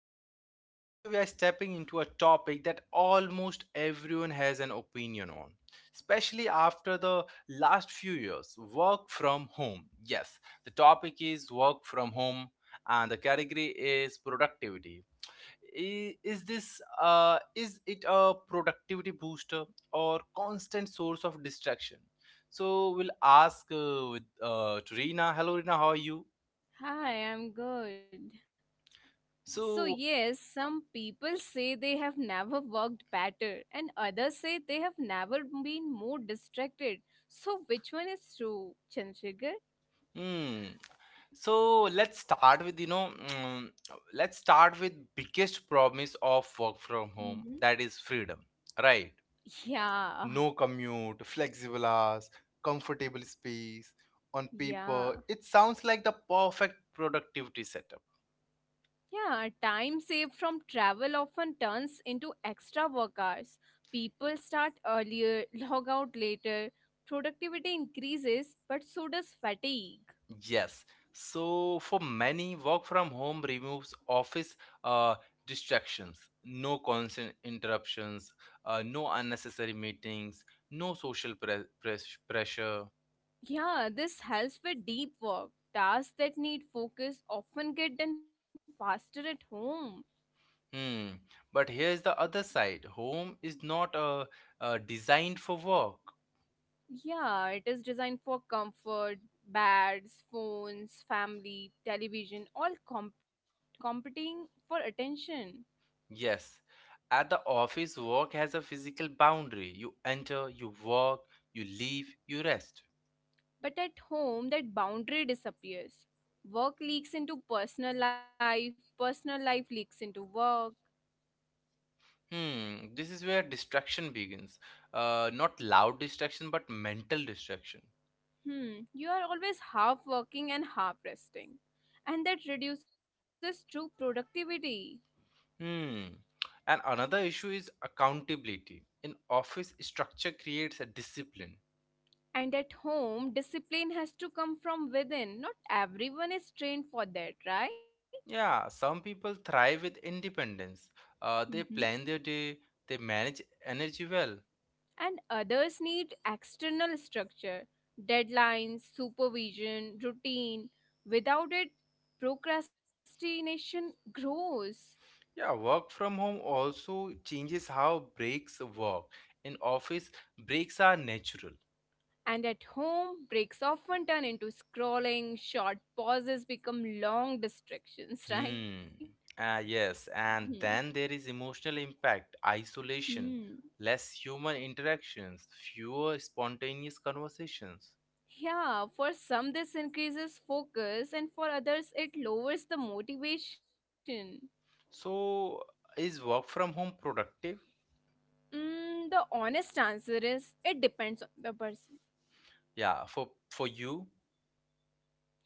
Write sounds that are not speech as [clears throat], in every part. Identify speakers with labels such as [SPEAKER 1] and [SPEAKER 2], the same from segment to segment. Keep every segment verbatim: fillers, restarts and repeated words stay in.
[SPEAKER 1] the podcast. Today, we are stepping into a topic that almost everyone has an opinion on, especially after the last few years work from home. Yes, the topic is work from home, and the category is productivity. I- Is this uh, is it a productivity booster or constant source of distraction? So we'll ask uh, with uh, to Rina. Hello, Rina. How are you?
[SPEAKER 2] Hi, I'm good. So,
[SPEAKER 1] So,
[SPEAKER 2] yes, some people say they have never worked better, and others say they have never been more distracted. So, which one is true, Chandrasekhar?
[SPEAKER 1] hmm. So let's start with you know mm, let's start with biggest promise of work from
[SPEAKER 2] Hmm.
[SPEAKER 1] home, that is freedom, right?
[SPEAKER 2] Yeah,
[SPEAKER 1] No commute, flexible hours, comfortable space. On paper
[SPEAKER 2] yeah,
[SPEAKER 1] it sounds like the perfect productivity setup.
[SPEAKER 2] yeah. Time saved from travel often turns into extra work hours. People start earlier, log out later, productivity increases, but so does fatigue.
[SPEAKER 1] Yes, so for many, work from home removes office uh, distractions, no constant interruptions, uh, no unnecessary meetings, no social pre- press- pressure.
[SPEAKER 2] Yeah, this helps with deep work. Tasks that need focus often get done faster at home.
[SPEAKER 1] Hmm. But here's the other side. Home is not uh, uh, designed for work.
[SPEAKER 2] Yeah, it is designed for comfort, beds, phones, family, television, all comp- competing for attention.
[SPEAKER 1] Yes. At the office, work has a physical boundary. You enter, you work, you leave, you rest.
[SPEAKER 2] But at home, that boundary disappears. Work leaks into personal life, personal life leaks into work.
[SPEAKER 1] Hmm. This is where distraction begins. Uh, not loud distraction, but mental distraction.
[SPEAKER 2] Hmm, you are always half working and half resting. And that reduces true productivity.
[SPEAKER 1] Hmm. And another issue is accountability. An office structure creates a discipline.
[SPEAKER 2] And at home, discipline has to come from within. Not everyone is trained for that, right?
[SPEAKER 1] Yeah, some people thrive with independence. Uh,
[SPEAKER 2] Mm-hmm.
[SPEAKER 1] they plan their day, they manage energy well.
[SPEAKER 2] And others need external structure, deadlines, supervision, routine. Without it, procrastination grows.
[SPEAKER 1] Yeah, work from home also changes how breaks work. In office, breaks are natural.
[SPEAKER 2] And at home, breaks often turn into scrolling, short pauses become long distractions, [laughs] right?
[SPEAKER 1] Hmm. Ah, yes, and then there is emotional impact, isolation,
[SPEAKER 2] Hmm.
[SPEAKER 1] less human interactions, fewer spontaneous conversations.
[SPEAKER 2] Yeah, for some this increases focus, and for others it lowers the motivation.
[SPEAKER 1] So, is work from home productive?
[SPEAKER 2] Mm, the honest answer is it depends on the person.
[SPEAKER 1] Yeah, for for you.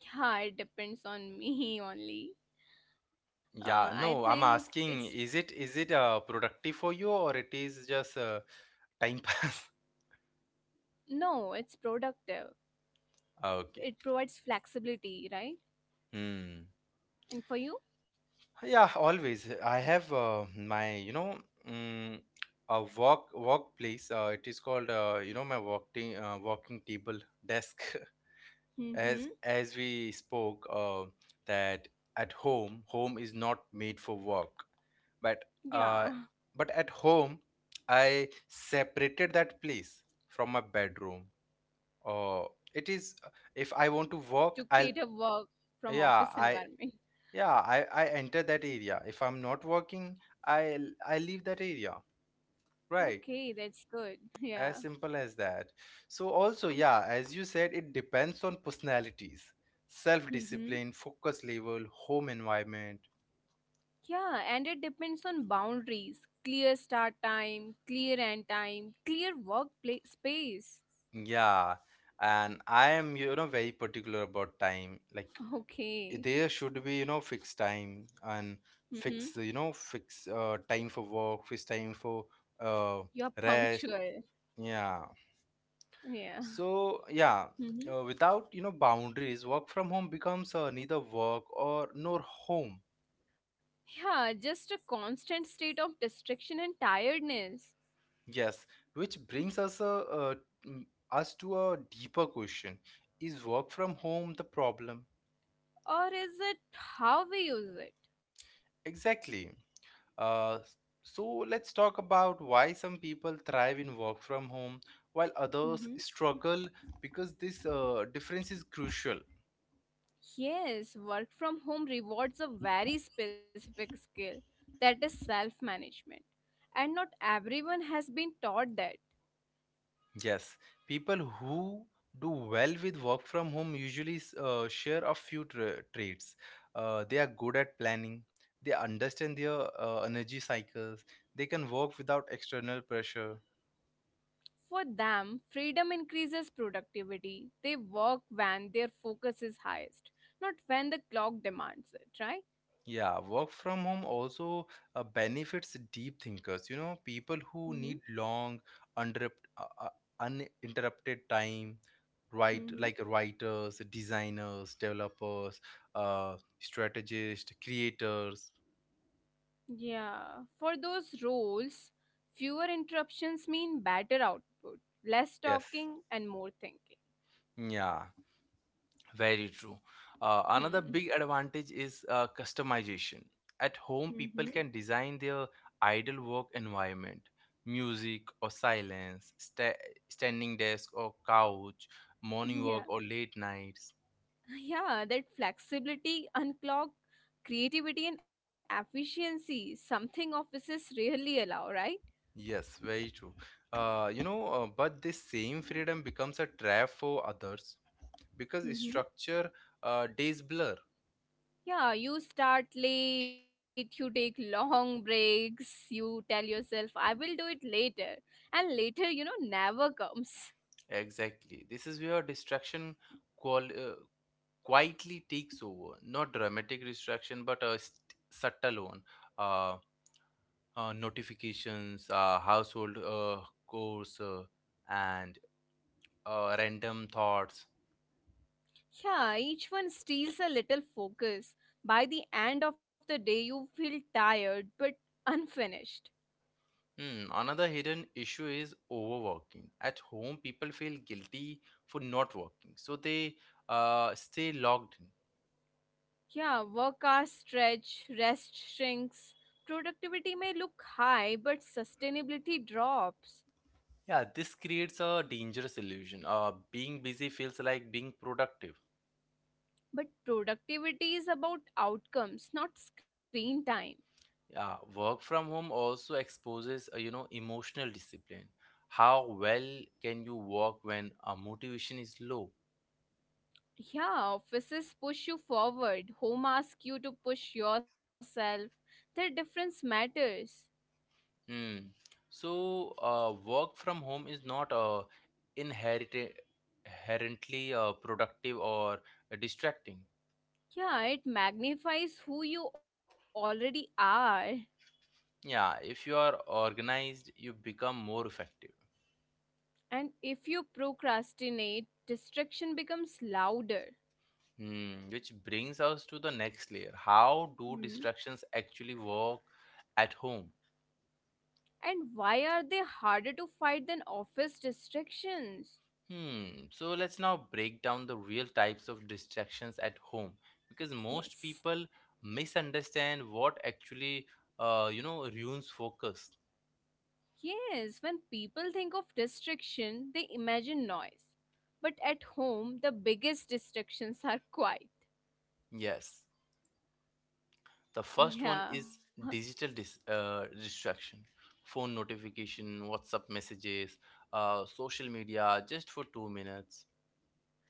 [SPEAKER 2] Yeah, it depends on me [laughs] only. Uh, I
[SPEAKER 1] Yeah, no,
[SPEAKER 2] think
[SPEAKER 1] I'm
[SPEAKER 2] it's
[SPEAKER 1] asking, is it is it uh, productive for you, or it is just uh, time pass? [laughs]
[SPEAKER 2] no, it's productive.
[SPEAKER 1] Okay.
[SPEAKER 2] It provides flexibility, right?
[SPEAKER 1] Hmm.
[SPEAKER 2] And for you?
[SPEAKER 1] Yeah, always. I have uh, my, you know, mm, a work workplace. Uh, it is called, uh, you know, my working uh, working table desk. [laughs] As
[SPEAKER 2] Mm-hmm.
[SPEAKER 1] as we spoke, uh, that at home, home is not made for work, but uh,
[SPEAKER 2] Yeah,
[SPEAKER 1] but at home, I separated that place from my bedroom. Oh, it is. uh, If I want to work,
[SPEAKER 2] [laughs] to
[SPEAKER 1] I'll.
[SPEAKER 2] create a work
[SPEAKER 1] Yeah,
[SPEAKER 2] from office
[SPEAKER 1] I.
[SPEAKER 2] environment.
[SPEAKER 1] Yeah, I. I enter that area. If I'm not working, I. I leave that area. Right.
[SPEAKER 2] Okay, that's good. [laughs] Yeah.
[SPEAKER 1] As simple as that. So also, yeah, as you said, it depends on personalities,
[SPEAKER 2] Mm-hmm.
[SPEAKER 1] self-discipline, focus level, home environment.
[SPEAKER 2] Yeah, and it depends on boundaries clear start time, clear end time, clear work pla- space.
[SPEAKER 1] Yeah, and I am, you know, very particular about time. Like, there
[SPEAKER 2] Okay.
[SPEAKER 1] should be, you know, fixed time, and
[SPEAKER 2] Mm-hmm.
[SPEAKER 1] fix you know fix uh, time for work, fixed time for uh,
[SPEAKER 2] You're
[SPEAKER 1] rest.
[SPEAKER 2] punctual.
[SPEAKER 1] Yeah,
[SPEAKER 2] Yeah.
[SPEAKER 1] so yeah, uh,
[SPEAKER 2] Mm-hmm.
[SPEAKER 1] without, you know, boundaries, work from home becomes, uh, neither work or nor home.
[SPEAKER 2] Yeah, just a constant state of distraction and tiredness.
[SPEAKER 1] Yes, which brings us a uh, mm, us to a deeper question: is work from home the problem?
[SPEAKER 2] Or is it how we use it?
[SPEAKER 1] Exactly. Uh, so let's talk about why some people thrive in work from home while
[SPEAKER 2] Mm-hmm.
[SPEAKER 1] others struggle, because this uh, difference is crucial.
[SPEAKER 2] Yes, work from home rewards a very specific skill that is self management. And not everyone has been taught that.
[SPEAKER 1] Yes, people who do well with work from home usually uh, share a few tra- traits. Uh, they are good at planning. They understand their uh, energy cycles. They can work without external pressure.
[SPEAKER 2] For them, freedom increases productivity. They work when their focus is highest, not when the clock demands it, right?
[SPEAKER 1] Yeah, work from home also uh, benefits deep thinkers, you know, people who
[SPEAKER 2] Mm-hmm.
[SPEAKER 1] need long, uninterrupt, uh, uh, uninterrupted time, right?
[SPEAKER 2] Mm-hmm.
[SPEAKER 1] Like writers, designers, developers, uh, strategists, creators.
[SPEAKER 2] Yeah. For those roles, fewer interruptions mean better output, less
[SPEAKER 1] Yes.
[SPEAKER 2] talking, and more thinking.
[SPEAKER 1] Yeah. Very true. Uh, another
[SPEAKER 2] Hmm.
[SPEAKER 1] big advantage is uh, customization. At home,
[SPEAKER 2] Mm-hmm.
[SPEAKER 1] people can design their ideal work environment, music or silence, sta- standing desk or couch,
[SPEAKER 2] [laughs]
[SPEAKER 1] morning
[SPEAKER 2] Yeah.
[SPEAKER 1] work or late nights.
[SPEAKER 2] Yeah, that flexibility, unclock, creativity, and efficiency, something offices rarely allow, right?
[SPEAKER 1] Yes, very true. Uh, you know, uh, but this same freedom becomes a trap for others because structure, uh, days blur.
[SPEAKER 2] Yeah, you start late, you take long breaks, you tell yourself, I will do it later. And later, you know, never comes.
[SPEAKER 1] Exactly. This is where distraction qual uh, quietly takes over. Not dramatic distraction, but a st- subtle one. Uh, uh, Notifications, uh, household uh, chores, uh, and uh, random thoughts.
[SPEAKER 2] Yeah, each one steals a little focus. By the end of the day, you feel tired but unfinished.
[SPEAKER 1] Hmm, another hidden issue is overworking. At home, people feel guilty for not working, so they uh, stay logged in.
[SPEAKER 2] Yeah, work hours stretch, rest shrinks. Productivity may look high, but sustainability drops.
[SPEAKER 1] Yeah, this creates a dangerous illusion. Uh, being busy feels like being productive.
[SPEAKER 2] But productivity is about outcomes, not screen time.
[SPEAKER 1] Yeah, work from home also exposes, uh, you know, emotional discipline. How well can you work when uh, motivation is low?
[SPEAKER 2] Yeah, offices push you forward, home asks you to push yourself. The difference matters.
[SPEAKER 1] Hmm. So, uh, work from home is not uh, inherent inherently uh, productive or distracting.
[SPEAKER 2] Yeah, it magnifies who you already are.
[SPEAKER 1] Yeah, if you are organized, you become more effective.
[SPEAKER 2] And if you procrastinate, distraction becomes louder.
[SPEAKER 1] Hmm. Which brings us to the next layer. How do distractions
[SPEAKER 2] Hmm.
[SPEAKER 1] actually work at home?
[SPEAKER 2] And why are they harder to fight than office distractions?
[SPEAKER 1] Hmm, so let's now break down the real types of distractions at home, because most
[SPEAKER 2] Yes.
[SPEAKER 1] people misunderstand what actually, uh, you know, ruins focus.
[SPEAKER 2] Yes, when people think of distraction, they imagine noise. But at home, the biggest distractions are quiet.
[SPEAKER 1] Yes, the first one
[SPEAKER 2] [laughs]
[SPEAKER 1] is
[SPEAKER 2] Yeah.
[SPEAKER 1] digital dis uh, distraction, phone notification, WhatsApp messages, uh, social media, just for two minutes.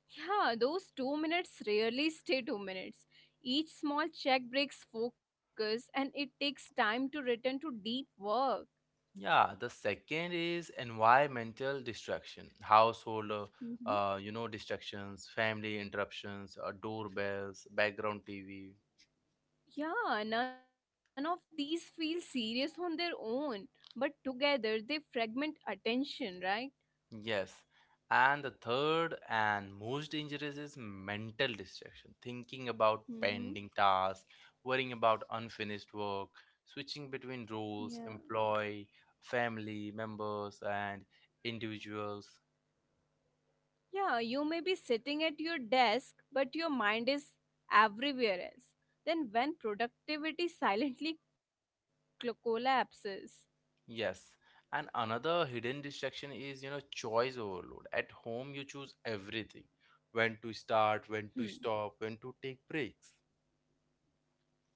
[SPEAKER 2] Yeah, those two minutes rarely stay two minutes. Each small check breaks focus and it takes time to return to deep work.
[SPEAKER 1] Yeah, the second is environmental distraction, household, uh,
[SPEAKER 2] Hmm.
[SPEAKER 1] uh, you know, distractions, family interruptions, uh, doorbells, background T V.
[SPEAKER 2] Yeah, none of these feel serious on their own, but together they fragment attention, right?
[SPEAKER 1] Yes. And the third and most dangerous is mental distraction, thinking about pending
[SPEAKER 2] Hmm.
[SPEAKER 1] tasks, worrying about unfinished work, switching between
[SPEAKER 2] Yeah.
[SPEAKER 1] roles, employee, family members, and individuals.
[SPEAKER 2] Yeah, you may be sitting at your desk, but your mind is everywhere else. Then, when productivity [laughs] silently cl- collapses.
[SPEAKER 1] Yes. And another hidden distraction is, you know, choice overload. At home, you choose everything. When to start, when to
[SPEAKER 2] Hmm.
[SPEAKER 1] stop, when to take breaks.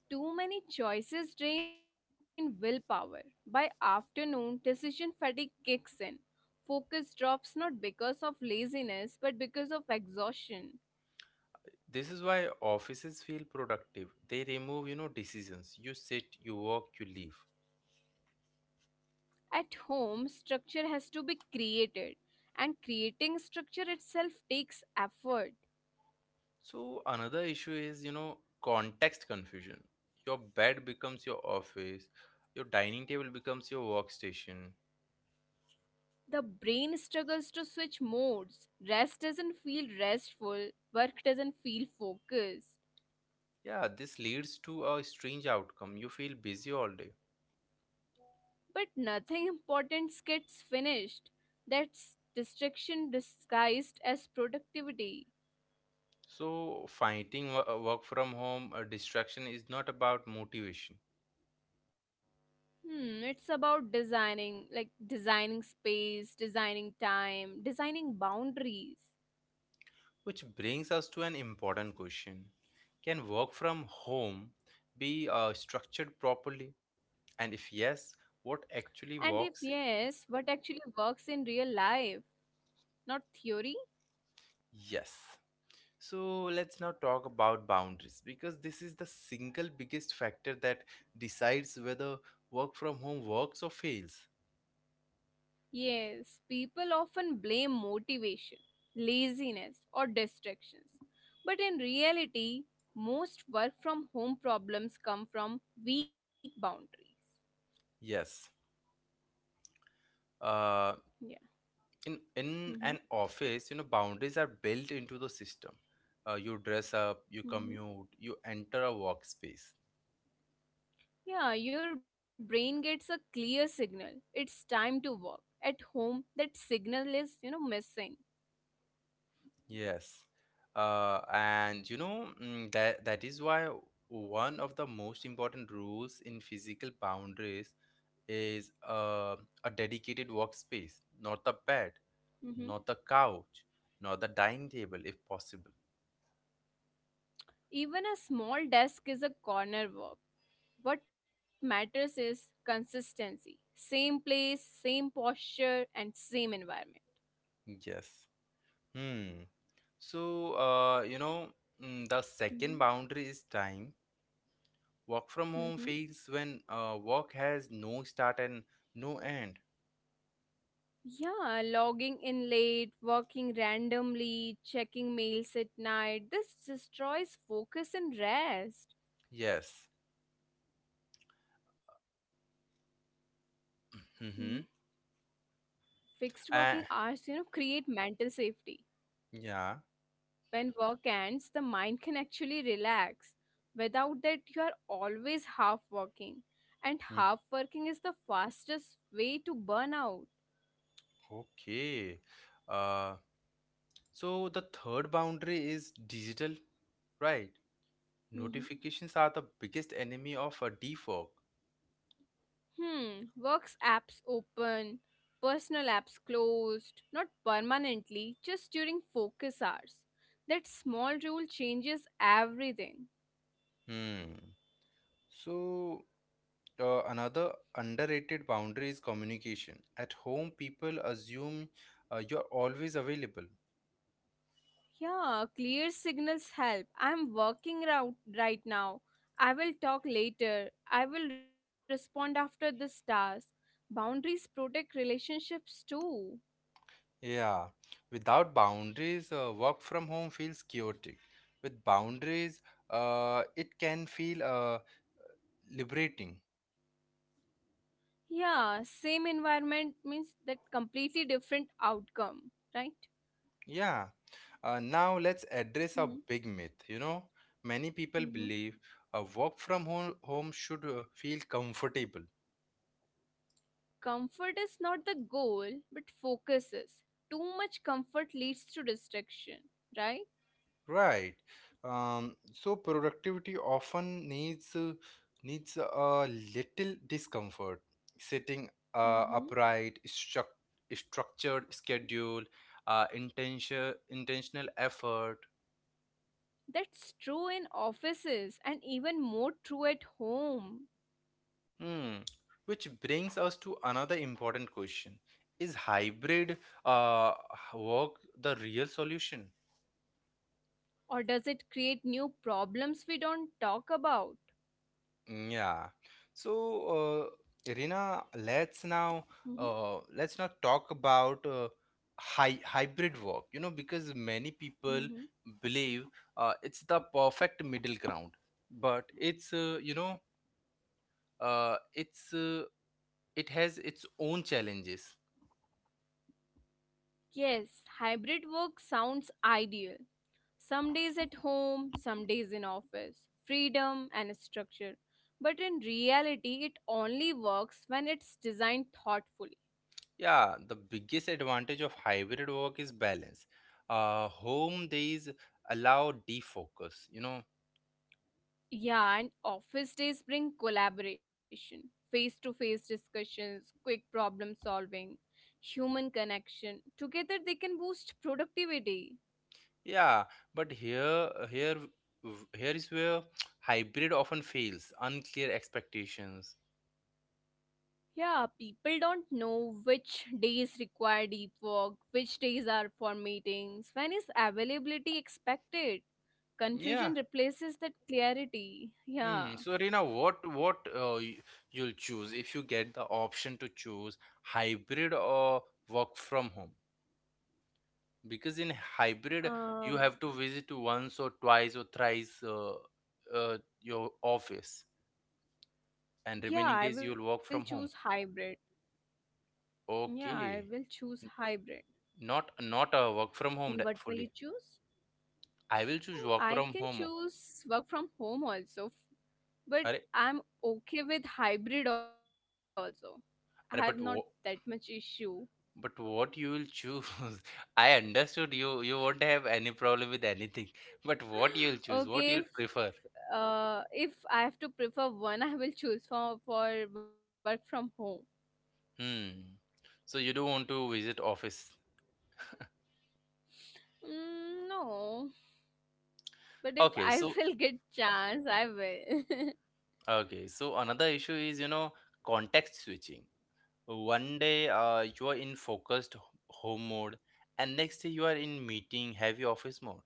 [SPEAKER 2] Too many choices drain willpower. By afternoon, decision fatigue kicks in. Focus drops not because of laziness but because of exhaustion.
[SPEAKER 1] This is why offices feel productive. They remove, you know, decisions. You sit, you work, you leave.
[SPEAKER 2] At home, structure has to be created, and creating structure itself takes effort.
[SPEAKER 1] So another issue is, you know, context confusion. Your bed becomes your office. Your dining table becomes your workstation.
[SPEAKER 2] The brain struggles to switch modes. Rest doesn't feel restful, work doesn't feel focused.
[SPEAKER 1] Yeah, this leads to a strange outcome. You feel busy all day.
[SPEAKER 2] But nothing important gets finished. That's distraction disguised as productivity.
[SPEAKER 1] So, fighting wo- uh, work from home uh, distraction is not about motivation,
[SPEAKER 2] Hmm, it's about designing, like designing space, designing time, designing boundaries.
[SPEAKER 1] which brings us to an important question. Can work from home be uh, structured properly? And if yes, what
[SPEAKER 2] And if
[SPEAKER 1] actually works?
[SPEAKER 2] yes, what actually works in real life, not theory?
[SPEAKER 1] Yes. So, let's now talk about boundaries, because this is the single biggest factor that decides whether work from home works or fails.
[SPEAKER 2] Yes, people often blame motivation, laziness, or distractions. But in reality, most work from home problems come from weak boundaries.
[SPEAKER 1] Yes. Uh, in in an
[SPEAKER 2] Mm-hmm.
[SPEAKER 1] office, you know, boundaries are built into the system. Uh, you dress up, you
[SPEAKER 2] Mm-hmm.
[SPEAKER 1] commute, you enter a workspace.
[SPEAKER 2] Yeah, your brain gets a clear signal. It's time to work. At home, that signal is, you know, missing.
[SPEAKER 1] Yes, uh, and you know, mm, that that is why one of the most important rules in physical boundaries is uh, a dedicated workspace, not the bed,
[SPEAKER 2] Mm-hmm.
[SPEAKER 1] not the couch, not the dining table if possible.
[SPEAKER 2] Even a small desk is a corner work. What matters is consistency. Same place, same posture, and same environment.
[SPEAKER 1] Yes. Hmm. So uh, you know, mm, the second
[SPEAKER 2] Mm-hmm.
[SPEAKER 1] boundary is time. Work from home
[SPEAKER 2] Mm-hmm.
[SPEAKER 1] fails when uh, work has no start and no end.
[SPEAKER 2] Yeah, logging in late, working randomly, checking mails at night. This destroys focus and rest.
[SPEAKER 1] Yes. Mm-hmm.
[SPEAKER 2] Fixed working
[SPEAKER 1] Uh,
[SPEAKER 2] hours, you know, create mental safety.
[SPEAKER 1] yeah.
[SPEAKER 2] When work ends, the mind can actually relax. Without that, you are always half working. And
[SPEAKER 1] Mm,
[SPEAKER 2] half working is the fastest way to burn out.
[SPEAKER 1] okay. Uh, so the third boundary is digital, right?
[SPEAKER 2] Mhm.
[SPEAKER 1] Notifications are the biggest enemy of a defog.
[SPEAKER 2] Hmm, works apps open, personal apps closed, not permanently, just during focus hours. That small rule changes everything.
[SPEAKER 1] Hmm. So uh, another underrated boundary is communication. At home, people assume uh, you're always available.
[SPEAKER 2] Yeah, clear signals help. I'm working out right now. I will talk later. I will respond after this task. Boundaries protect relationships too.
[SPEAKER 1] Yeah, without boundaries, uh, work from home feels chaotic. With boundaries, uh, it can feel uh, liberating.
[SPEAKER 2] Yeah, same environment means that completely different outcome, right?
[SPEAKER 1] Yeah. Uh, now let's address a
[SPEAKER 2] Hmm.
[SPEAKER 1] big myth. You know, many people
[SPEAKER 2] Hmm.
[SPEAKER 1] believe uh, work from home home should uh, feel comfortable.
[SPEAKER 2] Comfort is not the goal, but focus is. Too much comfort leads to distraction, right?
[SPEAKER 1] Right. Um, so productivity often needs uh, needs a little discomfort. Sitting uh,
[SPEAKER 2] Hmm.
[SPEAKER 1] upright, struc structured schedule, uh, intention intentional effort.
[SPEAKER 2] That's true in offices and even more true at home.
[SPEAKER 1] Hmm. Which brings us to another important question: Is hybrid uh, work the real solution?
[SPEAKER 2] Or does it create new problems we don't talk about?
[SPEAKER 1] Mm, yeah. So, uh, Irina, let's now
[SPEAKER 2] Mhm,
[SPEAKER 1] uh, let's now talk about uh, hy hybrid work. You know, because many people
[SPEAKER 2] mhm.
[SPEAKER 1] believe uh, it's the perfect middle ground, but it's uh, you know uh, it's uh, it has its own challenges.
[SPEAKER 2] Yes, hybrid work sounds ideal. Some days at home, some days in office. Freedom and structure. But in reality, it only works when it's designed thoughtfully.
[SPEAKER 1] Yeah, the biggest advantage of hybrid work is balance. Uh, home days allow defocus. You know,
[SPEAKER 2] Yeah, and office days bring collaboration, face to face discussions, quick problem solving, human connection. Together, they can boost productivity.
[SPEAKER 1] yeah, but here, here, w- here is where hybrid often fails. Unclear expectations.
[SPEAKER 2] Yeah, people don't know which days require deep work, which days are for meetings, when is availability expected.
[SPEAKER 1] Yeah.
[SPEAKER 2] Confusion replaces that clarity. Yeah.
[SPEAKER 1] Hmm. So, Reena, what what uh, y- you'll choose if you get the option to choose hybrid or work from home? Because in hybrid, you
[SPEAKER 2] Um
[SPEAKER 1] have to visit once or twice or thrice uh, uh, your office, and
[SPEAKER 2] yeah,
[SPEAKER 1] remaining
[SPEAKER 2] I
[SPEAKER 1] days
[SPEAKER 2] will
[SPEAKER 1] you'll
[SPEAKER 2] choose
[SPEAKER 1] work from home.
[SPEAKER 2] hybrid. Yeah, I will
[SPEAKER 1] Okay.
[SPEAKER 2] choose
[SPEAKER 1] N-
[SPEAKER 2] hybrid.
[SPEAKER 1] Not not a work from
[SPEAKER 2] And what
[SPEAKER 1] home de-
[SPEAKER 2] will you
[SPEAKER 1] fully.
[SPEAKER 2] choose?
[SPEAKER 1] I will
[SPEAKER 2] Oh,
[SPEAKER 1] choose work
[SPEAKER 2] I
[SPEAKER 1] from
[SPEAKER 2] can
[SPEAKER 1] home.
[SPEAKER 2] choose work from home also, f- but
[SPEAKER 1] Arey,
[SPEAKER 2] I'm okay with hybrid also. I have not that
[SPEAKER 1] arey, but
[SPEAKER 2] much
[SPEAKER 1] wha-
[SPEAKER 2] issue.
[SPEAKER 1] but what you will choose? [laughs] I understood you. You won't have any problem with anything. [laughs] But
[SPEAKER 2] [gasps]
[SPEAKER 1] what you'll
[SPEAKER 2] [laughs]
[SPEAKER 1] choose? What
[SPEAKER 2] Okay,
[SPEAKER 1] you'll prefer?
[SPEAKER 2] Uh, if I have to prefer one, I will choose for for work from home.
[SPEAKER 1] Hmm. So you don't want to visit office.
[SPEAKER 2] Mm, no, but if
[SPEAKER 1] Okay.
[SPEAKER 2] I
[SPEAKER 1] So
[SPEAKER 2] [laughs] will get chance, I will.
[SPEAKER 1] okay. So another issue is, you know, context switching. One day uh, you are in focused h- home mode, and next day you are in meeting heavy office mode.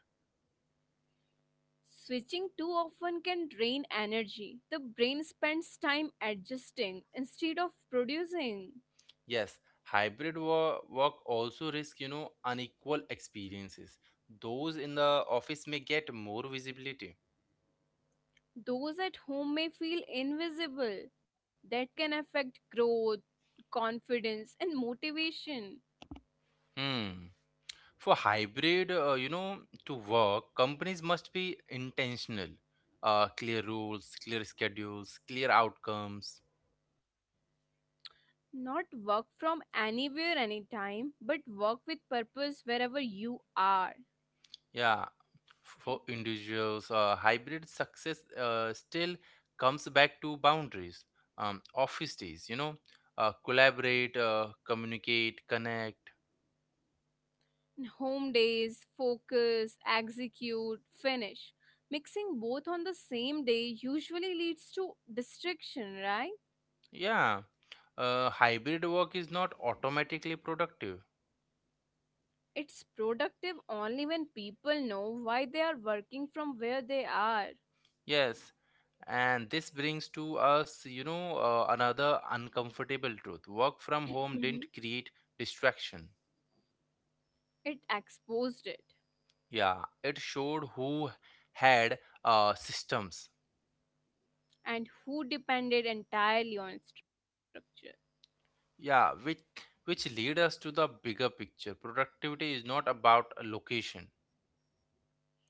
[SPEAKER 2] [laughs] Switching too often can drain energy. The brain spends time adjusting instead of producing.
[SPEAKER 1] Yes, hybrid wo- work also risk, you know, unequal experiences. Those in the office may get more visibility.
[SPEAKER 2] Those at home may feel invisible. That can affect growth, confidence, and motivation.
[SPEAKER 1] Hmm. For hybrid, uh, you know, to work, companies must be intentional. Uh, clear rules, clear schedules, clear outcomes.
[SPEAKER 2] Not work from anywhere, anytime, but work with purpose wherever you are.
[SPEAKER 1] Yeah. For individuals, uh, hybrid success uh, still comes back to boundaries. Um, office days, you know, uh, collaborate, uh, communicate, connect.
[SPEAKER 2] Home days, focus, execute, finish. Mixing both on the same day usually leads to distraction, right?
[SPEAKER 1] Yeah, uh, hybrid work is not automatically productive.
[SPEAKER 2] It's productive only when people know why they are working from where they are.
[SPEAKER 1] Yes, and this brings to us, you know, uh, another uncomfortable truth. Work from
[SPEAKER 2] Mhm.
[SPEAKER 1] home didn't create distraction.
[SPEAKER 2] It exposed it
[SPEAKER 1] Yeah, it showed who had uh, systems.
[SPEAKER 2] and who depended entirely on its structure.
[SPEAKER 1] Yeah, which which lead us to the bigger picture. Productivity is not about a location.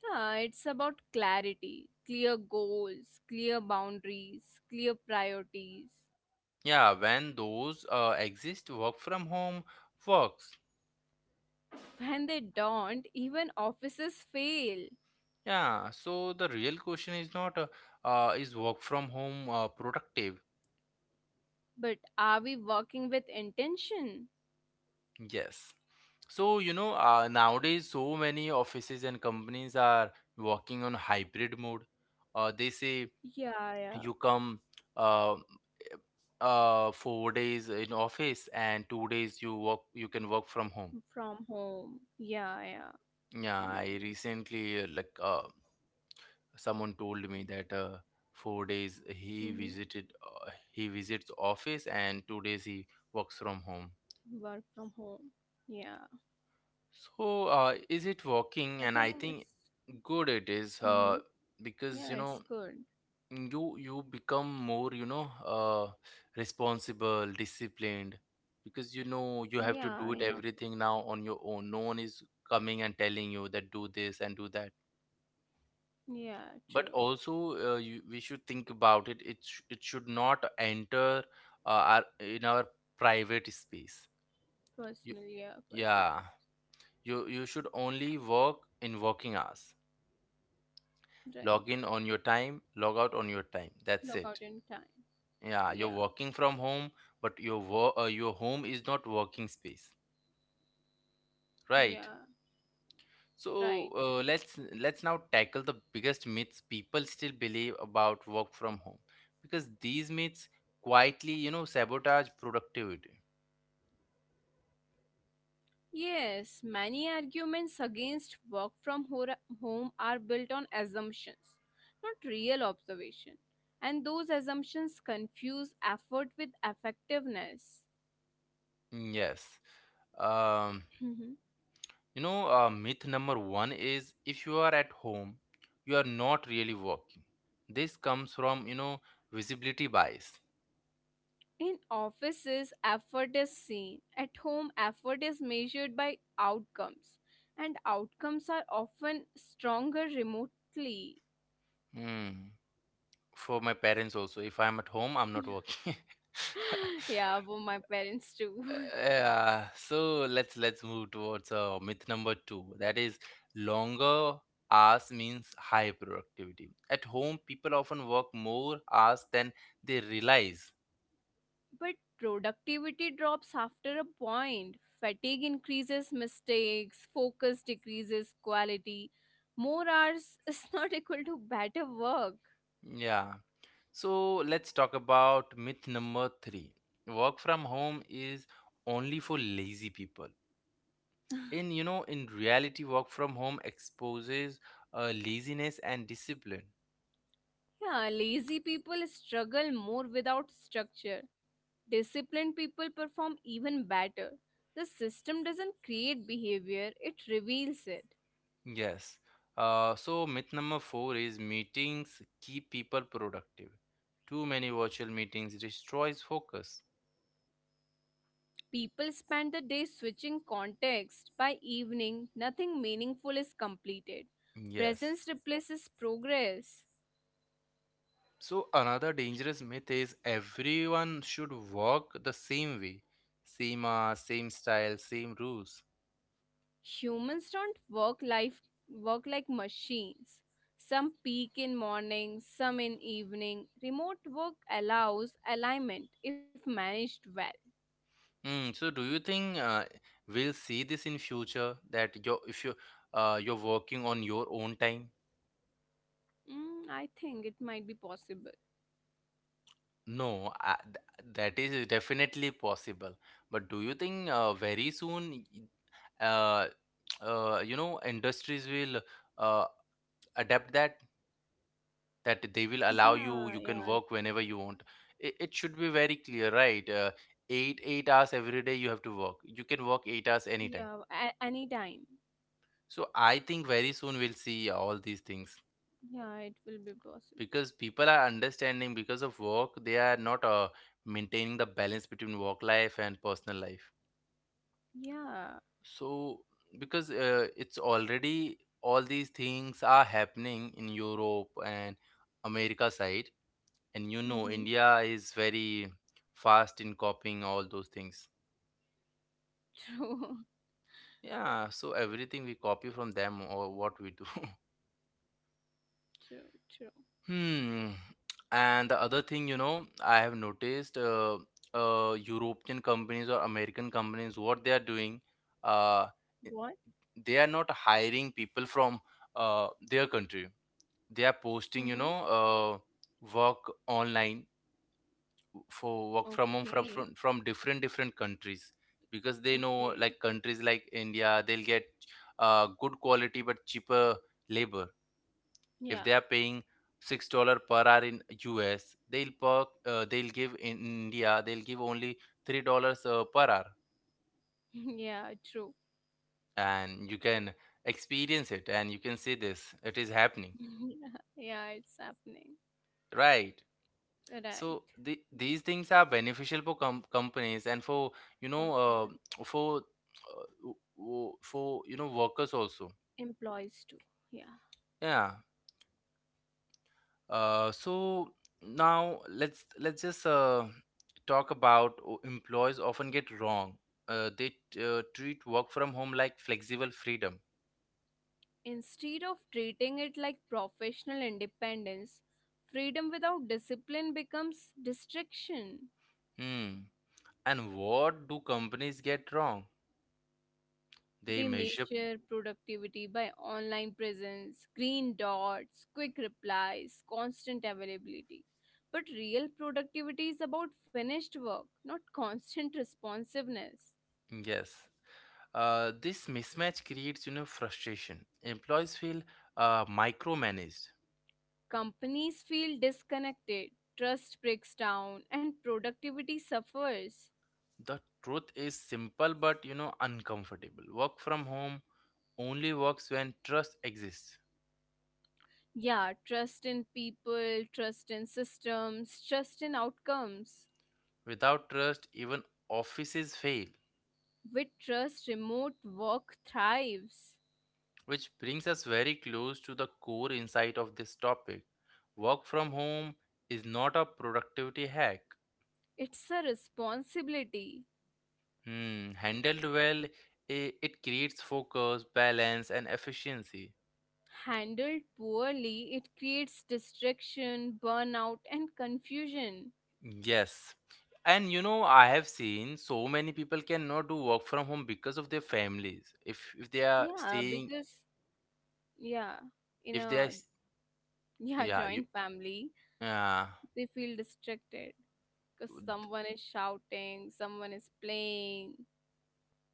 [SPEAKER 2] Yeah, it's about clarity, clear goals, clear boundaries, clear priorities.
[SPEAKER 1] Yeah, when those uh, exist, work from home works.
[SPEAKER 2] When they don't, even offices fail.
[SPEAKER 1] Yeah, so the real question is not uh, uh, is work from home uh, productive?
[SPEAKER 2] But are we working with intention?
[SPEAKER 1] Yes. So, you know, uh, nowadays so many offices and companies are working on hybrid mode. Uh, they say
[SPEAKER 2] Yeah, yeah.
[SPEAKER 1] you come uh, uh, four days in office, and two days you work you can work from home.
[SPEAKER 2] From home. Yeah, yeah.
[SPEAKER 1] Yeah,
[SPEAKER 2] I know
[SPEAKER 1] I recently uh, like uh, someone told me that uh, four days
[SPEAKER 2] that.
[SPEAKER 1] he
[SPEAKER 2] Mm-hmm.
[SPEAKER 1] visited uh, he visits office and two days he works from home.
[SPEAKER 2] Work from home. Yeah.
[SPEAKER 1] So uh, is it working?
[SPEAKER 2] I
[SPEAKER 1] And
[SPEAKER 2] think
[SPEAKER 1] I think
[SPEAKER 2] it's
[SPEAKER 1] good it is,
[SPEAKER 2] mm-hmm.
[SPEAKER 1] uh,
[SPEAKER 2] Yeah,
[SPEAKER 1] because you
[SPEAKER 2] it's
[SPEAKER 1] know
[SPEAKER 2] good.
[SPEAKER 1] you you become more, you know uh, responsible, disciplined, because you know you have to
[SPEAKER 2] Yeah,
[SPEAKER 1] do it
[SPEAKER 2] I know.
[SPEAKER 1] everything now on your own, no one is coming and telling you that do this and do that.
[SPEAKER 2] Yeah,
[SPEAKER 1] But
[SPEAKER 2] true.
[SPEAKER 1] also uh, you, we should think about it it, sh- it should not enter uh, our, in our private space. you,
[SPEAKER 2] Personal, yeah, personal.
[SPEAKER 1] yeah, you you should only work in working hours.
[SPEAKER 2] Right.
[SPEAKER 1] Log in on your time, log out on your time, that's it.
[SPEAKER 2] Lockout in time.
[SPEAKER 1] Yeah, you're
[SPEAKER 2] Yeah,
[SPEAKER 1] working from home, but your work uh, your home is not working space, right?
[SPEAKER 2] yeah.
[SPEAKER 1] So
[SPEAKER 2] Right.
[SPEAKER 1] uh, let's let's now tackle the biggest myths people still believe about work from home, because these myths quietly, you know, sabotage productivity.
[SPEAKER 2] Yes, many arguments against work from hor- home are built on assumptions, not real observation. And those assumptions confuse effort with effectiveness.
[SPEAKER 1] Mm, yes. Um,
[SPEAKER 2] Mhm.
[SPEAKER 1] you know, uh, myth number one is if you are at home, you are not really working. This comes from, you know, visibility bias.
[SPEAKER 2] In offices, effort is seen. At home, effort is measured by outcomes. And outcomes are often stronger remotely.
[SPEAKER 1] Hmm. For my parents also, if I'm at home, I'm not working.
[SPEAKER 2] [gasps] [laughs]
[SPEAKER 1] [laughs]
[SPEAKER 2] Yeah, for my parents too. [laughs]
[SPEAKER 1] Yeah, so let's let's move towards uh, myth number two. That is, longer hours means high productivity. At home, people often work more hours than they realize.
[SPEAKER 2] But productivity drops after a point. Fatigue increases mistakes, focus decreases quality. More hours is [laughs] not equal to better work.
[SPEAKER 1] Yeah. So let's talk about myth number three. Work from home is only for lazy people. In you know, in reality, work from home exposes uh, laziness and discipline.
[SPEAKER 2] Yeah, lazy people struggle more without structure. Disciplined people perform even better. The system doesn't create behavior, it reveals it.
[SPEAKER 1] Yes. Uh, so myth number four is meetings keep people productive. Too many virtual meetings destroys focus.
[SPEAKER 2] People spend the day switching context. By evening, nothing meaningful is completed.
[SPEAKER 1] Yes.
[SPEAKER 2] Presence replaces progress.
[SPEAKER 1] So another dangerous myth is everyone should work the same way, same hours, same style, same rules.
[SPEAKER 2] Humans don't work life work like machines. Some peak in morning, some in evening. Remote work allows alignment if managed well.
[SPEAKER 1] Hmm. so do you think uh, we'll see this in future that your if you uh, you're working on your own time?
[SPEAKER 2] Mm, I think it might be possible.
[SPEAKER 1] No, I, th- that is definitely possible. But do you think uh, very soon, y- uh, [tsk] uh, you know, industries will uh, adapt that that they will allow you
[SPEAKER 2] Yeah,
[SPEAKER 1] you can
[SPEAKER 2] yeah.
[SPEAKER 1] work whenever you want. It, it should be very clear, right? Uh, eight eight hours every day you have to work. You can work eight hours
[SPEAKER 2] Yeah,
[SPEAKER 1] anytime.
[SPEAKER 2] a- anytime.
[SPEAKER 1] So I think very soon we'll see all these things,
[SPEAKER 2] Yeah, it will be possible.
[SPEAKER 1] because people are understanding because of work they are not uh, maintaining the balance between work life and personal life.
[SPEAKER 2] Yeah.
[SPEAKER 1] So, because uh, it's already all these things are happening in Europe and America side, and you know,
[SPEAKER 2] Mm-hmm.
[SPEAKER 1] India is very fast in copying all those things.
[SPEAKER 2] [laughs] True.
[SPEAKER 1] Yeah, so everything we copy from them or what we do. [laughs]
[SPEAKER 2] True. True.
[SPEAKER 1] Hmm. And the other thing, you know, I have noticed uh, uh, European companies or American companies, what they are doing, uh,
[SPEAKER 2] What?
[SPEAKER 1] they are not hiring people from uh, their country. They are posting you
[SPEAKER 2] Mm-hmm.
[SPEAKER 1] know uh, work online for work from home from,
[SPEAKER 2] Okay.
[SPEAKER 1] from from different different countries, because they know
[SPEAKER 2] Okay.
[SPEAKER 1] like countries like India, they'll get uh, good quality but cheaper labor. If
[SPEAKER 2] Yeah.
[SPEAKER 1] they are paying six dollar per hour in us, they'll per, uh, they'll give in India, they'll give only three dollars uh, per hour.
[SPEAKER 2] [laughs] Yeah, true.
[SPEAKER 1] And you can experience it, and you can see this, it is happening,
[SPEAKER 2] [laughs] Yeah, it's happening.
[SPEAKER 1] right?
[SPEAKER 2] Right.
[SPEAKER 1] So the, these things are beneficial for com- companies and for you know
[SPEAKER 2] Companies and
[SPEAKER 1] uh, for uh, w- w- for you know workers also.
[SPEAKER 2] employees too. Yeah,
[SPEAKER 1] Yeah. Uh, so now let's let's just uh, talk about o- employees often get wrong. Uh, they t- uh, treat work from home like flexible freedom.
[SPEAKER 2] instead of treating it like professional independence, freedom without discipline becomes distraction.
[SPEAKER 1] Hmm. And what do companies get wrong? They
[SPEAKER 2] They
[SPEAKER 1] measure.
[SPEAKER 2] measure productivity by online presence, green dots, quick replies, constant availability. But real productivity is about finished work, not constant responsiveness.
[SPEAKER 1] Yes. Uh, this mismatch creates, you know, frustration. Employees feel uh, micromanaged.
[SPEAKER 2] Companies feel disconnected. Trust breaks down and productivity suffers.
[SPEAKER 1] The truth is simple but, you know, uncomfortable. Work from home only works when trust exists.
[SPEAKER 2] Yeah, trust in people, trust in systems, trust in outcomes.
[SPEAKER 1] Without trust, even offices fail.
[SPEAKER 2] With trust, remote work thrives.
[SPEAKER 1] Which brings us very close to the core insight of this topic. Work from home is not a productivity hack.
[SPEAKER 2] It's a responsibility.
[SPEAKER 1] Hmm, handled well, i- it creates focus, balance, and efficiency.
[SPEAKER 2] Handled poorly, it creates distraction, burnout, and confusion.
[SPEAKER 1] Yes. And you know, I have seen so many people cannot do work from home because of their families. If if they are
[SPEAKER 2] Yeah,
[SPEAKER 1] staying,
[SPEAKER 2] because, yeah, in
[SPEAKER 1] if they are,
[SPEAKER 2] a
[SPEAKER 1] s-
[SPEAKER 2] [laughs] yeah,
[SPEAKER 1] yeah, you,
[SPEAKER 2] joint family,
[SPEAKER 1] yeah,
[SPEAKER 2] they feel distracted because
[SPEAKER 1] d-
[SPEAKER 2] someone is shouting, someone is playing.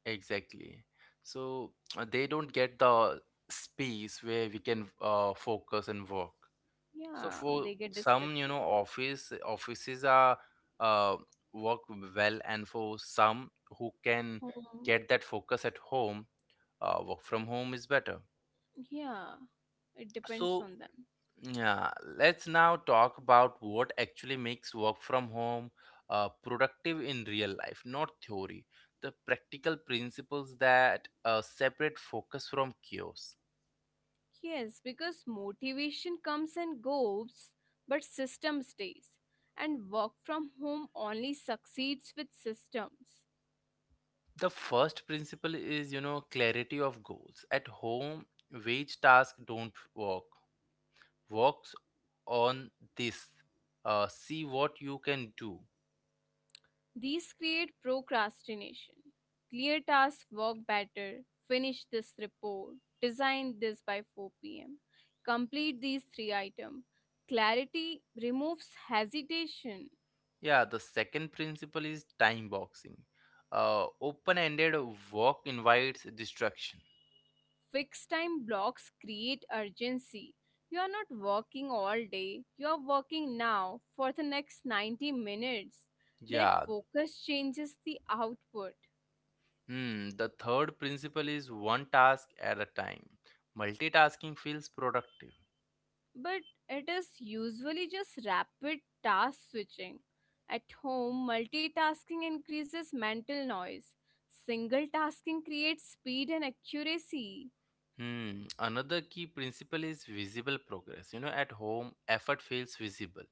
[SPEAKER 1] exactly. So uh, they don't get the space where we can uh, focus and work. So
[SPEAKER 2] Yeah,
[SPEAKER 1] for
[SPEAKER 2] they get
[SPEAKER 1] some, you
[SPEAKER 2] distracted.
[SPEAKER 1] know, office offices are uh, work well, and for some who can
[SPEAKER 2] Hmm.
[SPEAKER 1] get that focus at home, uh, work from home is better.
[SPEAKER 2] Yeah, it depends
[SPEAKER 1] So,
[SPEAKER 2] on them.
[SPEAKER 1] yeah, let's now talk about what actually makes work from home uh, productive in real life, not theory. The practical principles that uh, separate focus from chaos.
[SPEAKER 2] Yes, because motivation comes and goes, but system stays. And work from home only succeeds with systems.
[SPEAKER 1] The first principle is, you know, clarity of goals. At home, wage tasks don't work. Works on this. Uh, see what you can do.
[SPEAKER 2] These create procrastination. Clear tasks work better. Finish this report. Design this by four p m. Complete these three items. Clarity removes hesitation.
[SPEAKER 1] Yeah, the second principle is time boxing. Uh, open-ended work invites distraction.
[SPEAKER 2] Fixed time blocks create urgency. You are not working all day, you are working now for the next ninety minutes. That
[SPEAKER 1] Yeah,
[SPEAKER 2] focus changes the output,
[SPEAKER 1] hmm, the third principle is one task at a time. Multitasking feels productive.
[SPEAKER 2] but it is usually just rapid task switching. At home, multitasking increases mental noise. Single tasking creates speed and accuracy.
[SPEAKER 1] Hmm, another key principle is visible progress. You know, at home, effort feels visible.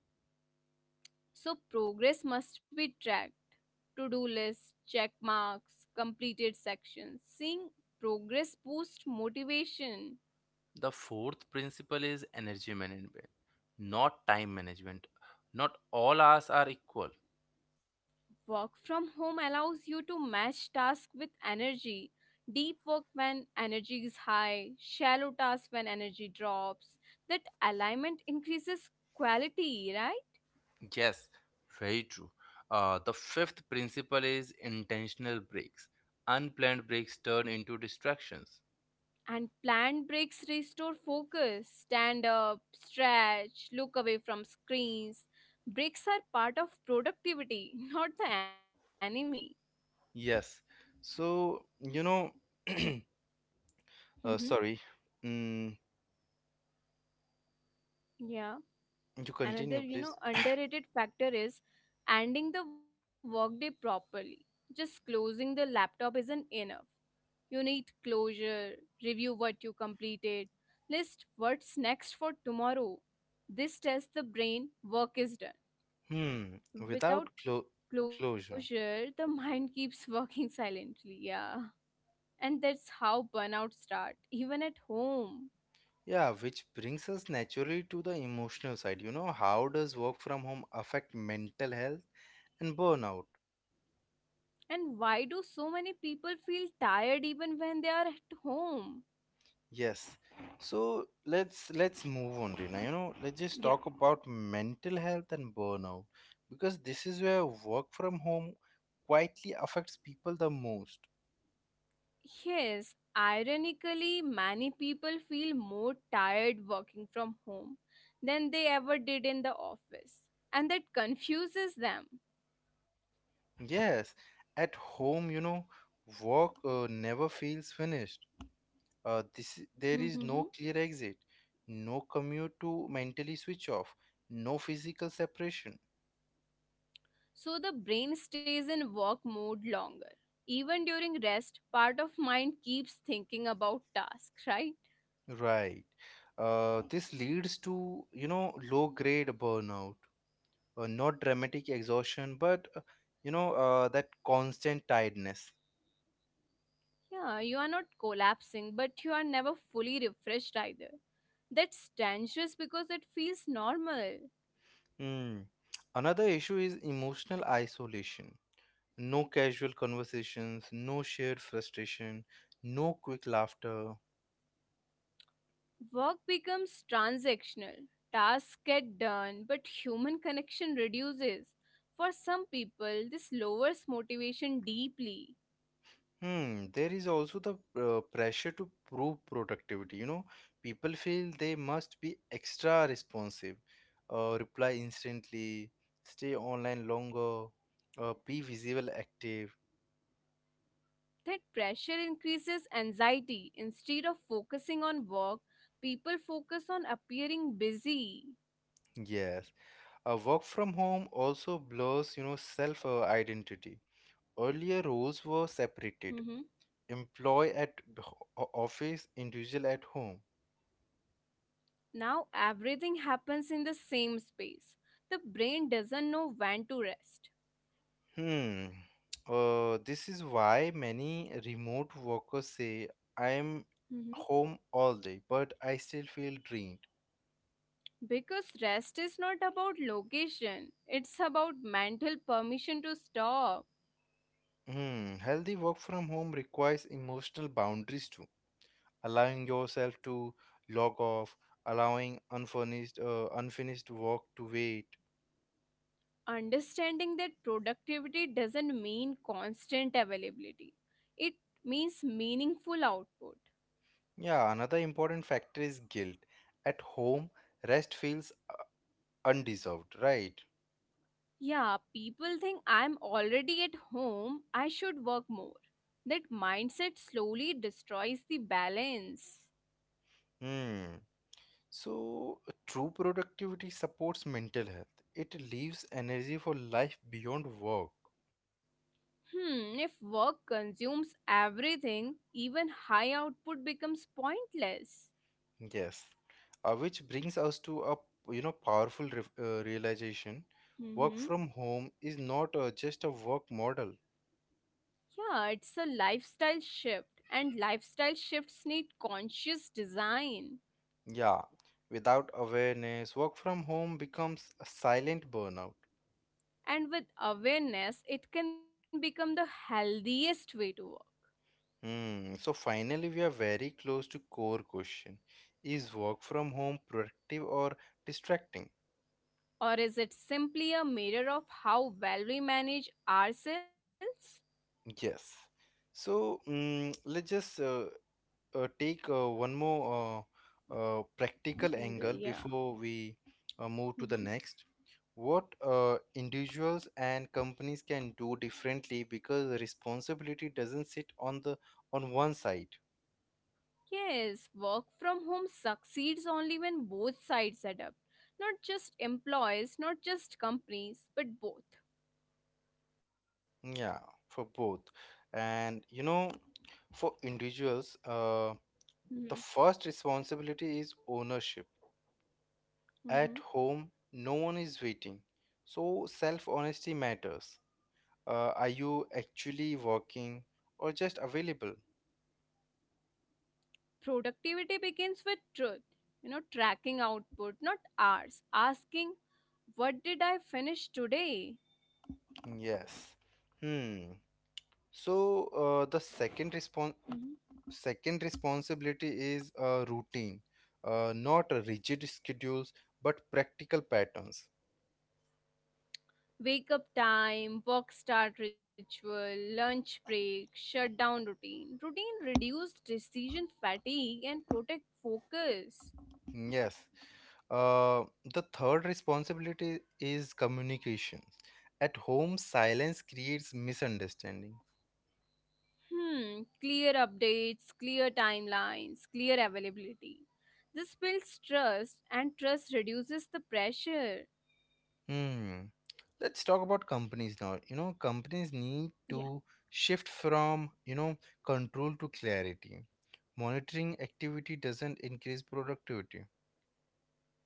[SPEAKER 2] So progress must be tracked. To do lists, check marks, completed sections. Seeing progress boosts motivation.
[SPEAKER 1] The fourth principle is energy management, not time management. Not all hours are equal.
[SPEAKER 2] Work from home allows you to match tasks with energy. Deep work when energy is high, shallow tasks when energy drops. That alignment increases quality, right?
[SPEAKER 1] Yes, very true. Uh, the fifth principle is intentional breaks. Unplanned breaks turn into distractions.
[SPEAKER 2] And planned breaks restore focus. Stand up, stretch, look away from screens. Breaks are part of productivity, [laughs] not the enemy.
[SPEAKER 1] Yes, so you know. [clears throat]
[SPEAKER 2] Hmm.
[SPEAKER 1] Uh, sorry. Mm,
[SPEAKER 2] Yeah.
[SPEAKER 1] you continue,
[SPEAKER 2] Another, you
[SPEAKER 1] please.
[SPEAKER 2] know, underrated factor is ending the workday properly. Just closing the laptop isn't enough. You need closure, review what you completed, list what's next for tomorrow. This tells the brain work is done
[SPEAKER 1] Hmm. Without clo-
[SPEAKER 2] without
[SPEAKER 1] closure.
[SPEAKER 2] closure, the [laughs] mind keeps working silently. Yeah. And that's how burnout start, even at home.
[SPEAKER 1] Yeah, which brings us naturally to the emotional side. You know, how does work from home affect mental health and burnout?
[SPEAKER 2] And why do so many people feel tired even when they are at home?
[SPEAKER 1] Yes. So let's let's move on, Rina. You know, let's just talk
[SPEAKER 2] Yeah.
[SPEAKER 1] about mental health and burnout because this is where work from home quietly affects people the most.
[SPEAKER 2] Yes, ironically, many people feel more tired working from home than they ever did in the office. And that confuses them.
[SPEAKER 1] Yes, at home, you know, work uh, never feels finished, uh, this there is no
[SPEAKER 2] [laughs]
[SPEAKER 1] clear exit, no commute to mentally switch off, no physical separation,
[SPEAKER 2] So the brain stays in work mode longer. Even during rest, part of mind keeps thinking about tasks, right?
[SPEAKER 1] right? Uh, this leads to you know low grade burnout, uh, not dramatic exhaustion, but, uh, you know uh, that constant tiredness.
[SPEAKER 2] Yeah, you are not collapsing, but you are never fully refreshed either. That's dangerous because it feels normal.
[SPEAKER 1] Hmm. Another issue is emotional isolation, no casual conversations, no shared frustration, no quick laughter.
[SPEAKER 2] Work becomes transactional. Tasks get done, but human connection reduces. For some people, this lowers motivation deeply.
[SPEAKER 1] Hmm, there is also the uh, pressure to prove productivity. You know, people feel they must be extra responsive, uh, reply instantly, stay online longer, uh, be visible, active.
[SPEAKER 2] That pressure increases anxiety. Instead of focusing on work, people focus on appearing busy.
[SPEAKER 1] Yes, uh, work from home also blurs, you know, self uh, identity. Earlier roles were separated:
[SPEAKER 2] Mhm.
[SPEAKER 1] employee at h- o- office, individual at home.
[SPEAKER 2] Now everything happens in the same space. The brain doesn't know when to rest.
[SPEAKER 1] Hmm. Uh, this is why many remote workers say I'm
[SPEAKER 2] Mhm.
[SPEAKER 1] home all day, but I still feel drained.
[SPEAKER 2] Because rest is not about location, it's about mental permission to stop.
[SPEAKER 1] Hmm. Healthy work from home requires emotional boundaries too, allowing yourself to log off, allowing unfurnished, uh, unfinished work to wait.
[SPEAKER 2] Understanding that productivity doesn't mean constant availability, it means meaningful output.
[SPEAKER 1] Yeah, another important factor is guilt. At home, rest feels undeserved, right?
[SPEAKER 2] Yeah, people think I'm already at home, I should work more. That mindset slowly destroys the balance.
[SPEAKER 1] Hmm. So, true productivity supports mental health. It leaves energy for life beyond work.
[SPEAKER 2] Hmm, if work consumes everything, even high output becomes pointless.
[SPEAKER 1] Yes. Uh, which brings us to a you know powerful re- uh, realization. Work from
[SPEAKER 2] Mm-hmm.
[SPEAKER 1] home is not uh, just a work model.
[SPEAKER 2] Yeah, it's a lifestyle shift, and lifestyle shifts need conscious design.
[SPEAKER 1] Yeah. Without awareness, work from home becomes a silent burnout.
[SPEAKER 2] And with awareness, it can become the healthiest way to work.
[SPEAKER 1] Hmm. So finally, we are very close to core question: Is work from home productive or distracting?
[SPEAKER 2] Or is it simply a mirror of how well we manage ourselves?
[SPEAKER 1] Yes. So mm let's just uh, uh, take uh, one more uh, uh, practical angle
[SPEAKER 2] Angle, yeah.
[SPEAKER 1] before we uh, move to the
[SPEAKER 2] Mhm.
[SPEAKER 1] next. What uh, individuals and companies can do differently, because the responsibility doesn't sit on the on one side.
[SPEAKER 2] Yes, work from home succeeds only when both sides adapt, not just employees, not just companies, but both.
[SPEAKER 1] Yeah, for both. And you know, for individuals, uh,
[SPEAKER 2] Mhm.
[SPEAKER 1] the first responsibility is ownership.
[SPEAKER 2] Mhm.
[SPEAKER 1] At home, no one is waiting. So self honesty matters. Uh, are you actually working or just available?
[SPEAKER 2] Productivity begins with truth, you know tracking output, not hours, asking what did I finish today? Mhm.
[SPEAKER 1] Mm, yes. Hmm. So uh, the second respon second responsibility is a routine, uh, not a rigid schedules, but practical patterns.
[SPEAKER 2] Wake up time, work start ritual, lunch break, shutdown routine. Routine reduce decision fatigue and protect focus.
[SPEAKER 1] Mm, yes. Uh, the third responsibility is communication. At home, silence creates misunderstanding.
[SPEAKER 2] Hmm, clear updates, clear timelines, clear availability. This builds trust and trust reduces the pressure.
[SPEAKER 1] Hmm. Let's talk about companies now. You know, companies need
[SPEAKER 2] Yeah.
[SPEAKER 1] to shift from, you know, control to clarity. Monitoring activity doesn't increase productivity.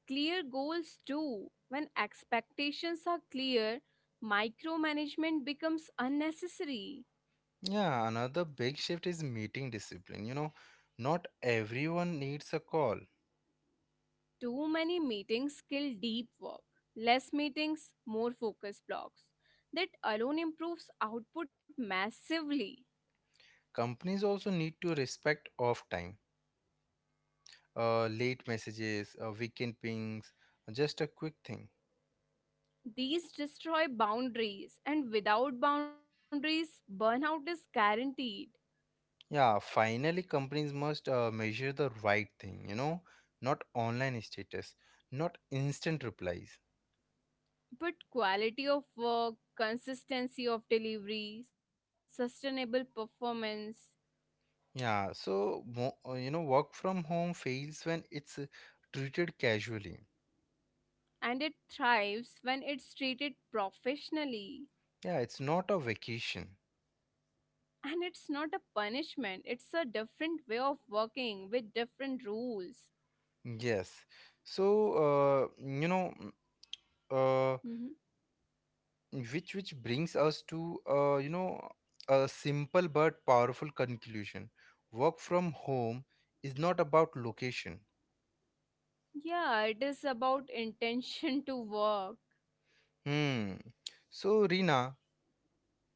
[SPEAKER 2] Clear goals too. When expectations are clear, micromanagement becomes unnecessary.
[SPEAKER 1] Yeah, another big shift is meeting discipline. You know, not everyone needs a call.
[SPEAKER 2] Too many meetings kill deep work. Less meetings, more focus blocks. That alone improves output massively.
[SPEAKER 1] Companies also need to respect off time, uh, late messages, uh, weekend pings, just a quick thing.
[SPEAKER 2] These destroy boundaries, and without boundaries, burnout is guaranteed.
[SPEAKER 1] Yeah, finally, companies must uh, measure the right thing, you know, not online status, not instant replies.
[SPEAKER 2] But quality of work, consistency of delivery, sustainable performance,
[SPEAKER 1] Yeah, so, mo- uh, you know, work from home fails when it's uh, treated casually.
[SPEAKER 2] and it thrives when it's treated professionally.
[SPEAKER 1] Yeah, it's not a vacation.
[SPEAKER 2] And it's not a punishment, it's a different way of working with different rules.
[SPEAKER 1] Yes. So, uh, you know, mm, uh,
[SPEAKER 2] Mhm.
[SPEAKER 1] which which brings us to, uh, you know, a simple but powerful conclusion. Work from home is not about location.
[SPEAKER 2] Yeah, it is about intention [laughs] to work.
[SPEAKER 1] Hmm. So, Rina,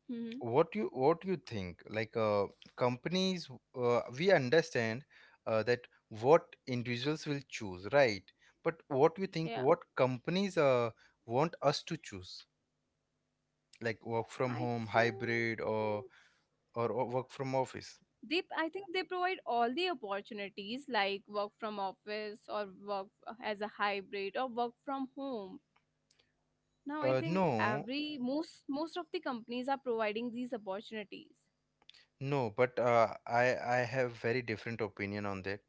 [SPEAKER 2] Mhm.
[SPEAKER 1] what you what you think, like uh, companies, uh, we understand uh, that what individuals will choose, right? But what you think
[SPEAKER 2] Yeah,
[SPEAKER 1] what companies uh, want us to choose, like work from
[SPEAKER 2] I
[SPEAKER 1] home, hybrid
[SPEAKER 2] think.
[SPEAKER 1] or or, or work from office?
[SPEAKER 2] they i think they provide all the opportunities like work from office, or work as a hybrid, or work from home. Now I
[SPEAKER 1] Uh,
[SPEAKER 2] think
[SPEAKER 1] no,
[SPEAKER 2] every, most, most of the companies are providing these opportunities.
[SPEAKER 1] no, but uh, i i have very different opinion on that.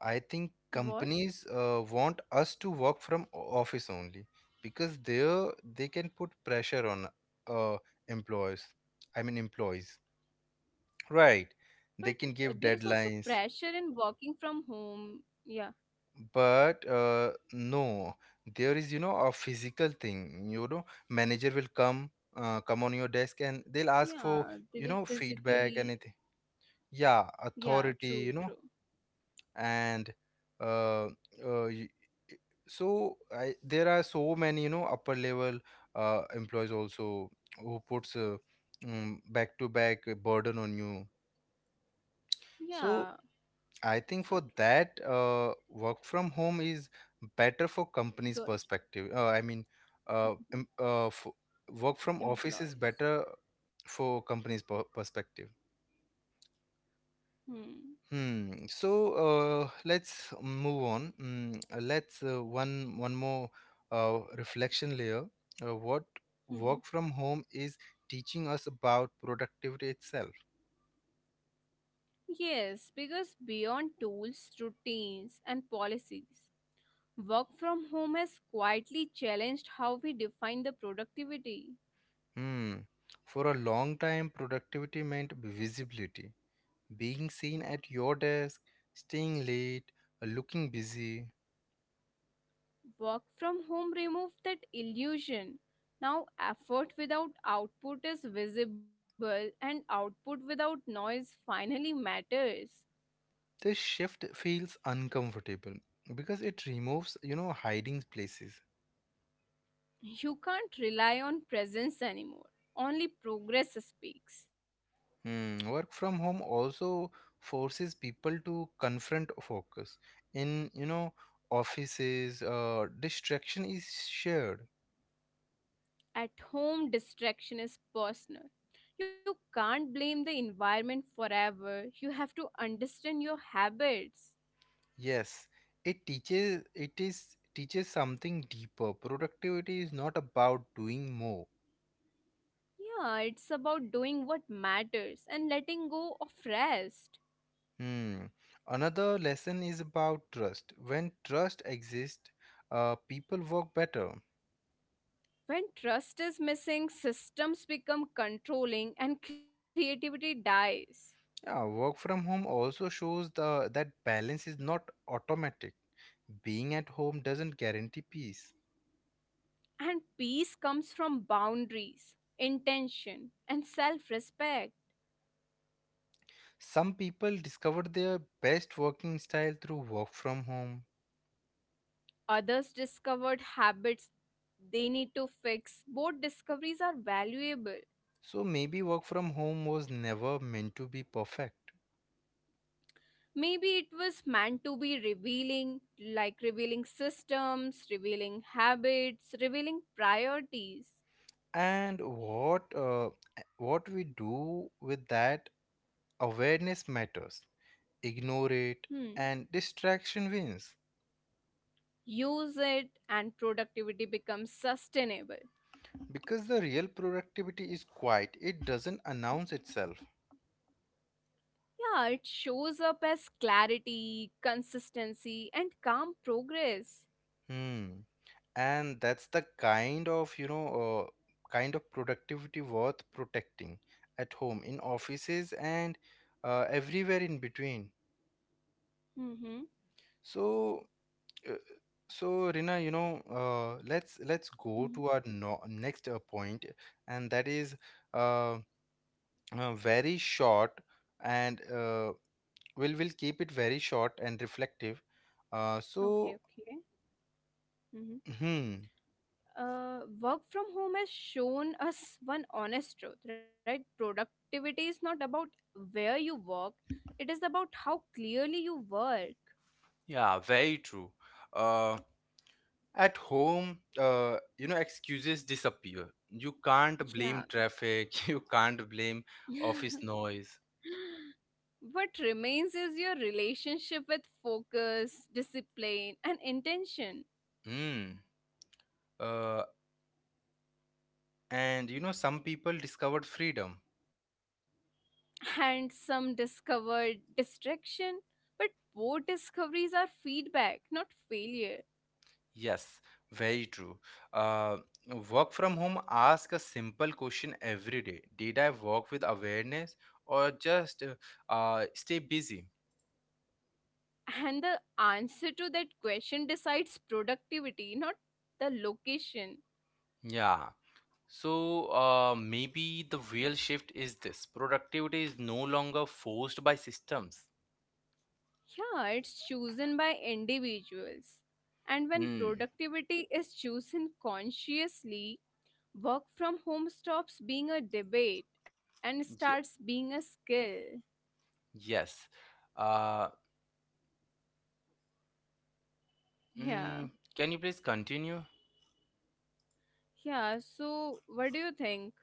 [SPEAKER 1] I think
[SPEAKER 2] What?
[SPEAKER 1] companies uh, want us to work from o- office only, because there they can put pressure on uh, employees. I mean employees, right?
[SPEAKER 2] but
[SPEAKER 1] They
[SPEAKER 2] uh,
[SPEAKER 1] can
[SPEAKER 2] there is
[SPEAKER 1] give
[SPEAKER 2] also
[SPEAKER 1] deadlines,
[SPEAKER 2] pressure in working from home. Yeah.
[SPEAKER 1] but uh, no, there is you know a physical thing. You know, manager will come uh, come on your desk and they'll ask
[SPEAKER 2] Yeah,
[SPEAKER 1] for
[SPEAKER 2] they will
[SPEAKER 1] you know
[SPEAKER 2] physically.
[SPEAKER 1] feedback, anything. Yeah,
[SPEAKER 2] Yeah,
[SPEAKER 1] authority.
[SPEAKER 2] true,
[SPEAKER 1] You know,
[SPEAKER 2] true.
[SPEAKER 1] and uh, uh, y- so I, there are so many you know upper level uh, employees also who puts uh, um, back to back burden on you,
[SPEAKER 2] Yeah,
[SPEAKER 1] so I
[SPEAKER 2] it's
[SPEAKER 1] think
[SPEAKER 2] so
[SPEAKER 1] for
[SPEAKER 2] true.
[SPEAKER 1] that uh, work from home is better for companies
[SPEAKER 2] Good.
[SPEAKER 1] perspective, uh, I mean, uh,
[SPEAKER 2] Mhm.
[SPEAKER 1] em- uh, f- work from office is
[SPEAKER 2] Employees.
[SPEAKER 1] better for companies per- perspective.
[SPEAKER 2] Hmm.
[SPEAKER 1] Hmm. So uh, let's move on. Mm, uh, let's uh, one one more uh, reflection layer. Uh, what work
[SPEAKER 2] [laughs]
[SPEAKER 1] from home is teaching us about productivity itself.
[SPEAKER 2] Yes, because beyond tools, routines, and policies, work from home has quietly challenged how we define the productivity.
[SPEAKER 1] Hmm. For a long time, productivity meant visibility, being seen at your desk, staying late, uh, looking busy.
[SPEAKER 2] Work from home removed that illusion. Now, effort without output is visible, and output without noise finally matters.
[SPEAKER 1] This shift feels uncomfortable because it removes, you know, hiding places.
[SPEAKER 2] You can't rely on presence anymore, only progress speaks.
[SPEAKER 1] Hmm, work from home also forces people to confront focus. In, you know, offices, uh, distraction is shared.
[SPEAKER 2] At home, distraction is personal. You can't blame the environment forever. You have to understand your habits.
[SPEAKER 1] Yes, it teaches it is teaches something deeper. Productivity is not about doing more.
[SPEAKER 2] Yeah, it's about doing what matters and letting go of rest.
[SPEAKER 1] Hmm. Another lesson is about trust. When trust exists, uh, people work better.
[SPEAKER 2] When trust is missing, systems become controlling and creativity dies.
[SPEAKER 1] Yeah, work from home also shows the that balance is not automatic. Being at home doesn't guarantee peace.
[SPEAKER 2] And peace comes from boundaries, intention, and self respect.
[SPEAKER 1] Some people discover their best working style through work from home.
[SPEAKER 2] Others discovered habits they need to fix. Both discoveries are valuable.
[SPEAKER 1] So maybe work from home was never meant to be perfect.
[SPEAKER 2] Maybe it was meant to be revealing, like revealing systems, revealing habits, revealing priorities.
[SPEAKER 1] And what uh, what we do with that awareness matters. Ignore it
[SPEAKER 2] Hmm.
[SPEAKER 1] and distraction wins,
[SPEAKER 2] Use it and productivity becomes sustainable.
[SPEAKER 1] because the real productivity is quiet. It doesn't announce itself.
[SPEAKER 2] Yeah, it shows up as clarity, consistency, and calm progress.
[SPEAKER 1] Hmm, and that's the kind of you know uh, kind of productivity worth protecting at home, in offices, and uh, everywhere in between.
[SPEAKER 2] Mm-hmm.
[SPEAKER 1] So uh, so Rina, you know uh, let's let's go to our no- next uh, point, and that is uh, uh, very short, and uh, we'll we'll keep it very short and reflective. uh,
[SPEAKER 2] Okay,
[SPEAKER 1] so
[SPEAKER 2] okay.
[SPEAKER 1] hmm
[SPEAKER 2] Uh, work from home has shown us one honest truth, right? Productivity is not about where you work, it is about how clearly you work.
[SPEAKER 1] Yeah, very true. Uh, At home, uh, you know, excuses disappear. You can't blame
[SPEAKER 2] Yeah.
[SPEAKER 1] traffic. [laughs] You can't blame office noise.
[SPEAKER 2] [laughs] What remains is your relationship with focus, discipline, and intention,
[SPEAKER 1] Hmm. Uh, and you know, some people discovered freedom.
[SPEAKER 2] and some discovered distraction. But both discoveries are feedback, not failure.
[SPEAKER 1] Yes, very true. Uh, Work from home ask a simple question every day. Did I work with awareness or just uh, uh, stay busy?
[SPEAKER 2] And the answer to that question decides productivity, not the location.
[SPEAKER 1] Yeah. So uh, maybe the real shift is this. Productivity is no longer forced by systems.
[SPEAKER 2] Yeah, it's chosen by individuals. And when
[SPEAKER 1] Hmm.
[SPEAKER 2] productivity is chosen consciously, work from home stops being a debate and
[SPEAKER 1] ye-
[SPEAKER 2] starts being a skill.
[SPEAKER 1] yes. Uh,
[SPEAKER 2] Yeah.
[SPEAKER 1] mm, can you please continue?
[SPEAKER 2] Yeah, so what do you think?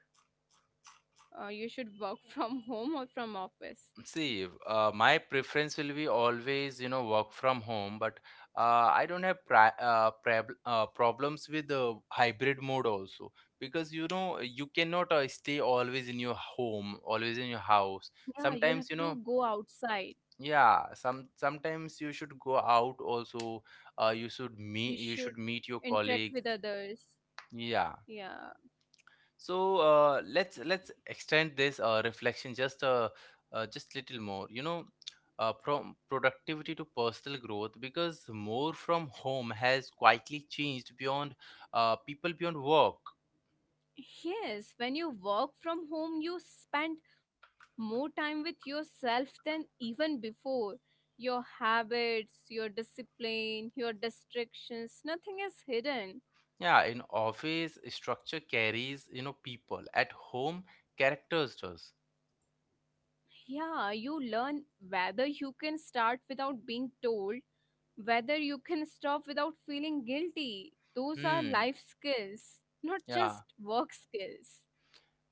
[SPEAKER 2] Uh, you should work [laughs] from home or from office?
[SPEAKER 1] See, uh, my preference will be always, you know, work from home, but uh, I don't have pri uh, prab uh, problems with the hybrid mode also, because you know you cannot uh, stay always in your home, always in your house.
[SPEAKER 2] Yeah, you have
[SPEAKER 1] Sometimes, you
[SPEAKER 2] to
[SPEAKER 1] know,
[SPEAKER 2] go outside.
[SPEAKER 1] yeah, some sometimes you should go out also. Uh, you should meet
[SPEAKER 2] You
[SPEAKER 1] you should
[SPEAKER 2] should
[SPEAKER 1] meet your
[SPEAKER 2] interact
[SPEAKER 1] colleagues.
[SPEAKER 2] with others.
[SPEAKER 1] Yeah.
[SPEAKER 2] Yeah.
[SPEAKER 1] So uh, let's let's extend this uh, reflection just uh, uh, just little more. You know, uh, from productivity to personal growth, because more from home has quietly changed beyond uh, people beyond work.
[SPEAKER 2] Yes, when you work from home, you spend more time with yourself than even before. Your habits, your discipline, your distractions, nothing is hidden.
[SPEAKER 1] Yeah, in office structure carries, you know, people at home characters does.
[SPEAKER 2] Yeah, you learn whether you can start without being told, whether you can stop without feeling guilty. Those are
[SPEAKER 1] Hmm.
[SPEAKER 2] life skills, not
[SPEAKER 1] Yeah.
[SPEAKER 2] just work skills.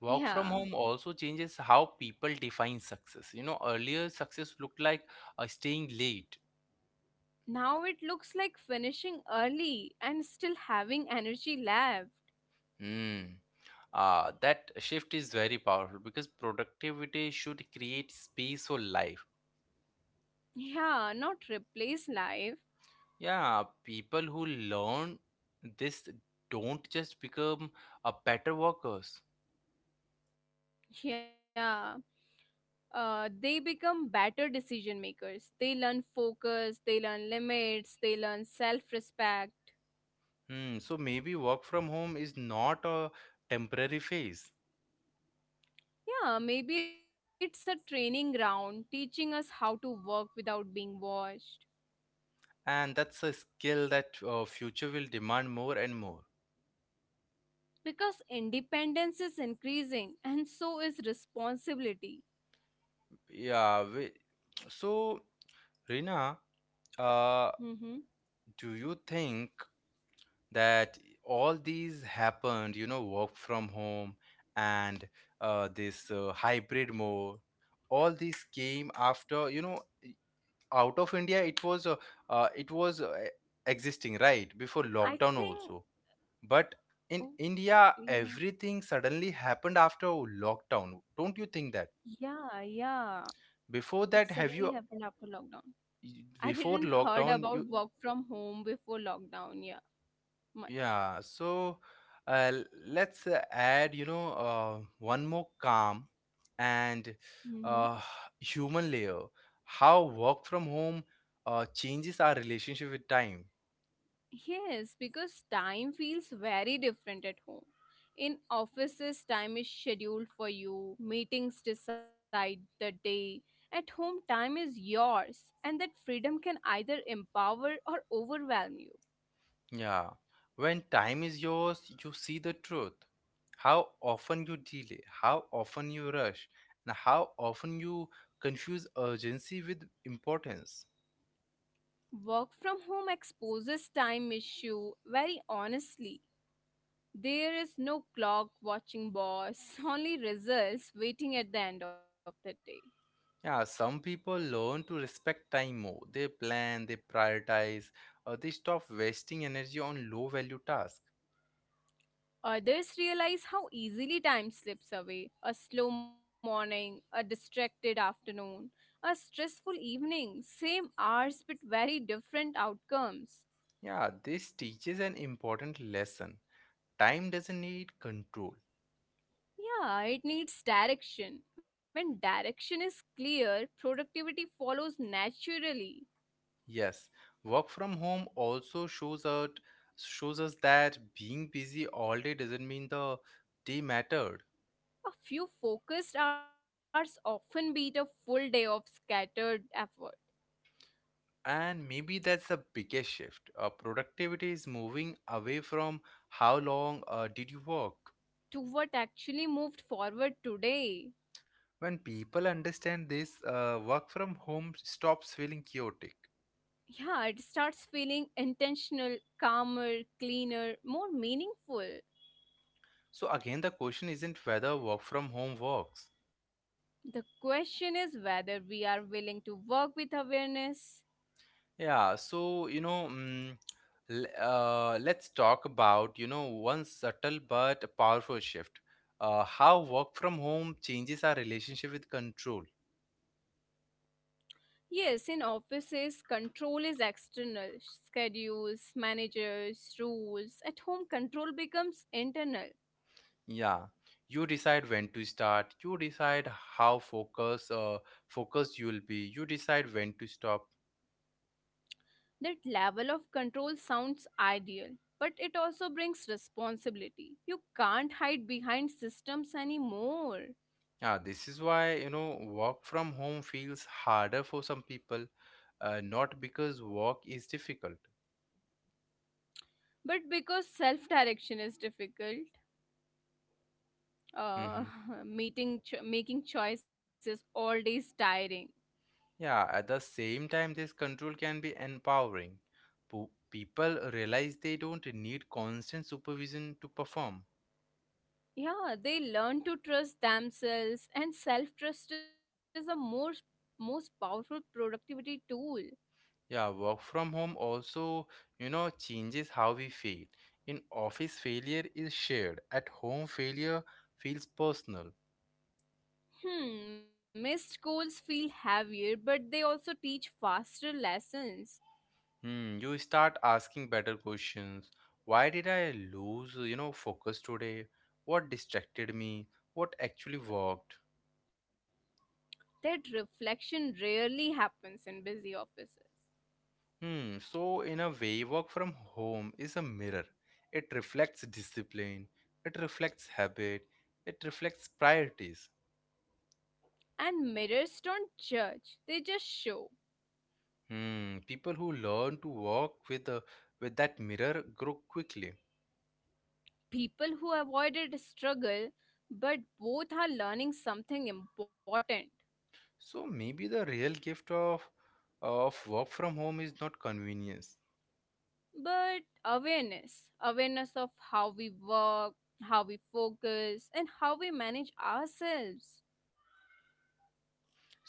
[SPEAKER 1] Work from home
[SPEAKER 2] Yeah.
[SPEAKER 1] also changes how people define success. You know, earlier success looked like uh, staying late.
[SPEAKER 2] Now it looks like finishing early and still having energy left.
[SPEAKER 1] Hmm. Uh, that shift is very powerful because productivity should create space for life.
[SPEAKER 2] Yeah, not replace life.
[SPEAKER 1] Yeah, people who learn this don't just become a better workers.
[SPEAKER 2] Yeah. Uh, they become better decision makers. They learn focus, they learn limits, they learn self respect.
[SPEAKER 1] Hmm, so maybe work from home is not a temporary phase,
[SPEAKER 2] Yeah, maybe it's a training ground teaching us how to work without being watched.
[SPEAKER 1] and that's a skill that uh, future will demand more and more.
[SPEAKER 2] Because independence is increasing and so is responsibility.
[SPEAKER 1] Yeah, we, so Rina, uh,
[SPEAKER 2] Mm-hmm.
[SPEAKER 1] do you think that all these happened, you know, work from home and uh, this uh, hybrid mode, all these came after, you know, e, out of India? It was uh, uh, it was uh, e, existing right before
[SPEAKER 2] I
[SPEAKER 1] lockdown
[SPEAKER 2] think.
[SPEAKER 1] also, but
[SPEAKER 2] Oh,
[SPEAKER 1] in India
[SPEAKER 2] yeah,
[SPEAKER 1] everything suddenly happened after lockdown. Don't you think that
[SPEAKER 2] yeah, yeah.
[SPEAKER 1] before
[SPEAKER 2] It
[SPEAKER 1] that, have
[SPEAKER 2] suddenly
[SPEAKER 1] you
[SPEAKER 2] happened after lockdown.
[SPEAKER 1] e,
[SPEAKER 2] I
[SPEAKER 1] before
[SPEAKER 2] didn't heard
[SPEAKER 1] lockdown
[SPEAKER 2] about
[SPEAKER 1] you?
[SPEAKER 2] work from home before lockdown, yeah, much.
[SPEAKER 1] Yeah, so uh, l- let's uh, add, you know, uh, one more calm and
[SPEAKER 2] Hmm.
[SPEAKER 1] uh, [sighs] human layer. How work from home uh, changes our relationship with time.
[SPEAKER 2] Yes, because time feels very different at home. In offices, time is scheduled for you, meetings decide the day. At home, time is yours, and that freedom can either empower or overwhelm you.
[SPEAKER 1] Yeah, when time is yours, you see the truth. How often you delay, how often you rush, and how often you confuse urgency with importance.
[SPEAKER 2] Work from home exposes time issue very honestly. There is no clock watching boss, [laughs] only results waiting at the end of the day.
[SPEAKER 1] Yeah, some people learn to respect time more. They plan, they prioritize, uh, they stop wasting energy on low value tasks.
[SPEAKER 2] Others realize how easily time slips away. A slow morning, a distracted afternoon, a stressful evening, same hours but very different outcomes.
[SPEAKER 1] Yeah, this teaches an important lesson. Time doesn't need control.
[SPEAKER 2] Yeah, it needs direction. When direction is clear, productivity follows naturally.
[SPEAKER 1] Yes, work from home also shows out shows us that being busy all day doesn't mean the day mattered.
[SPEAKER 2] A few focused hours often beat a full day of scattered effort
[SPEAKER 1] And maybe that's the biggest shift. Uh, productivity is moving away from how long uh, did you work.
[SPEAKER 2] to what actually moved forward today.
[SPEAKER 1] When people understand this, uh, work from home stops feeling chaotic.
[SPEAKER 2] Yeah, it starts feeling intentional, calmer, cleaner, more meaningful.
[SPEAKER 1] So, again, the question isn't whether work from home works.
[SPEAKER 2] The question is whether we are willing to work with awareness.
[SPEAKER 1] Yeah, so, you know, mm, l- uh, let's talk about, you know, one subtle but powerful shift, uh, how work from home changes our relationship with control.
[SPEAKER 2] Yes, in offices, control is external: schedules, managers, rules. At home, control becomes internal.
[SPEAKER 1] Yeah, you decide when to start, you decide how focus, uh, focused you will be, you decide when to stop.
[SPEAKER 2] That level of control sounds ideal, but it also brings responsibility. You can't hide behind systems anymore.
[SPEAKER 1] Yeah, this is why, you know, work from home feels harder for some people, uh, not because work is difficult.
[SPEAKER 2] But because self direction is difficult,
[SPEAKER 1] Hmm.
[SPEAKER 2] uh, [laughs] meeting cho- making choices all day is tiring.
[SPEAKER 1] Yeah, at the same time, this control can be empowering. Po- people realize they don't need constant supervision to perform.
[SPEAKER 2] Yeah, they learn to trust themselves, and self trust is a most, most powerful productivity tool.
[SPEAKER 1] Yeah, work from home also, you know, changes how we fail. In office, failure is shared. At home, failure feels personal.
[SPEAKER 2] Hmm, missed goals feel heavier, but they also teach faster lessons
[SPEAKER 1] Hmm, you start asking better questions. Why did I lose, you know, focus today? What distracted me? What actually worked?
[SPEAKER 2] that reflection rarely happens in busy offices.
[SPEAKER 1] Hmm, so in a way, work from home is a mirror. It reflects discipline, it reflects habit, it reflects priorities.
[SPEAKER 2] And mirrors don't judge, they just show
[SPEAKER 1] Hmm, people who learn to work with the with that mirror grow quickly.
[SPEAKER 2] people who avoided struggle, but both are learning something important,
[SPEAKER 1] So maybe the real gift of of work from home is not convenience.
[SPEAKER 2] but awareness. Awareness of how we work, how we focus, and how we manage ourselves.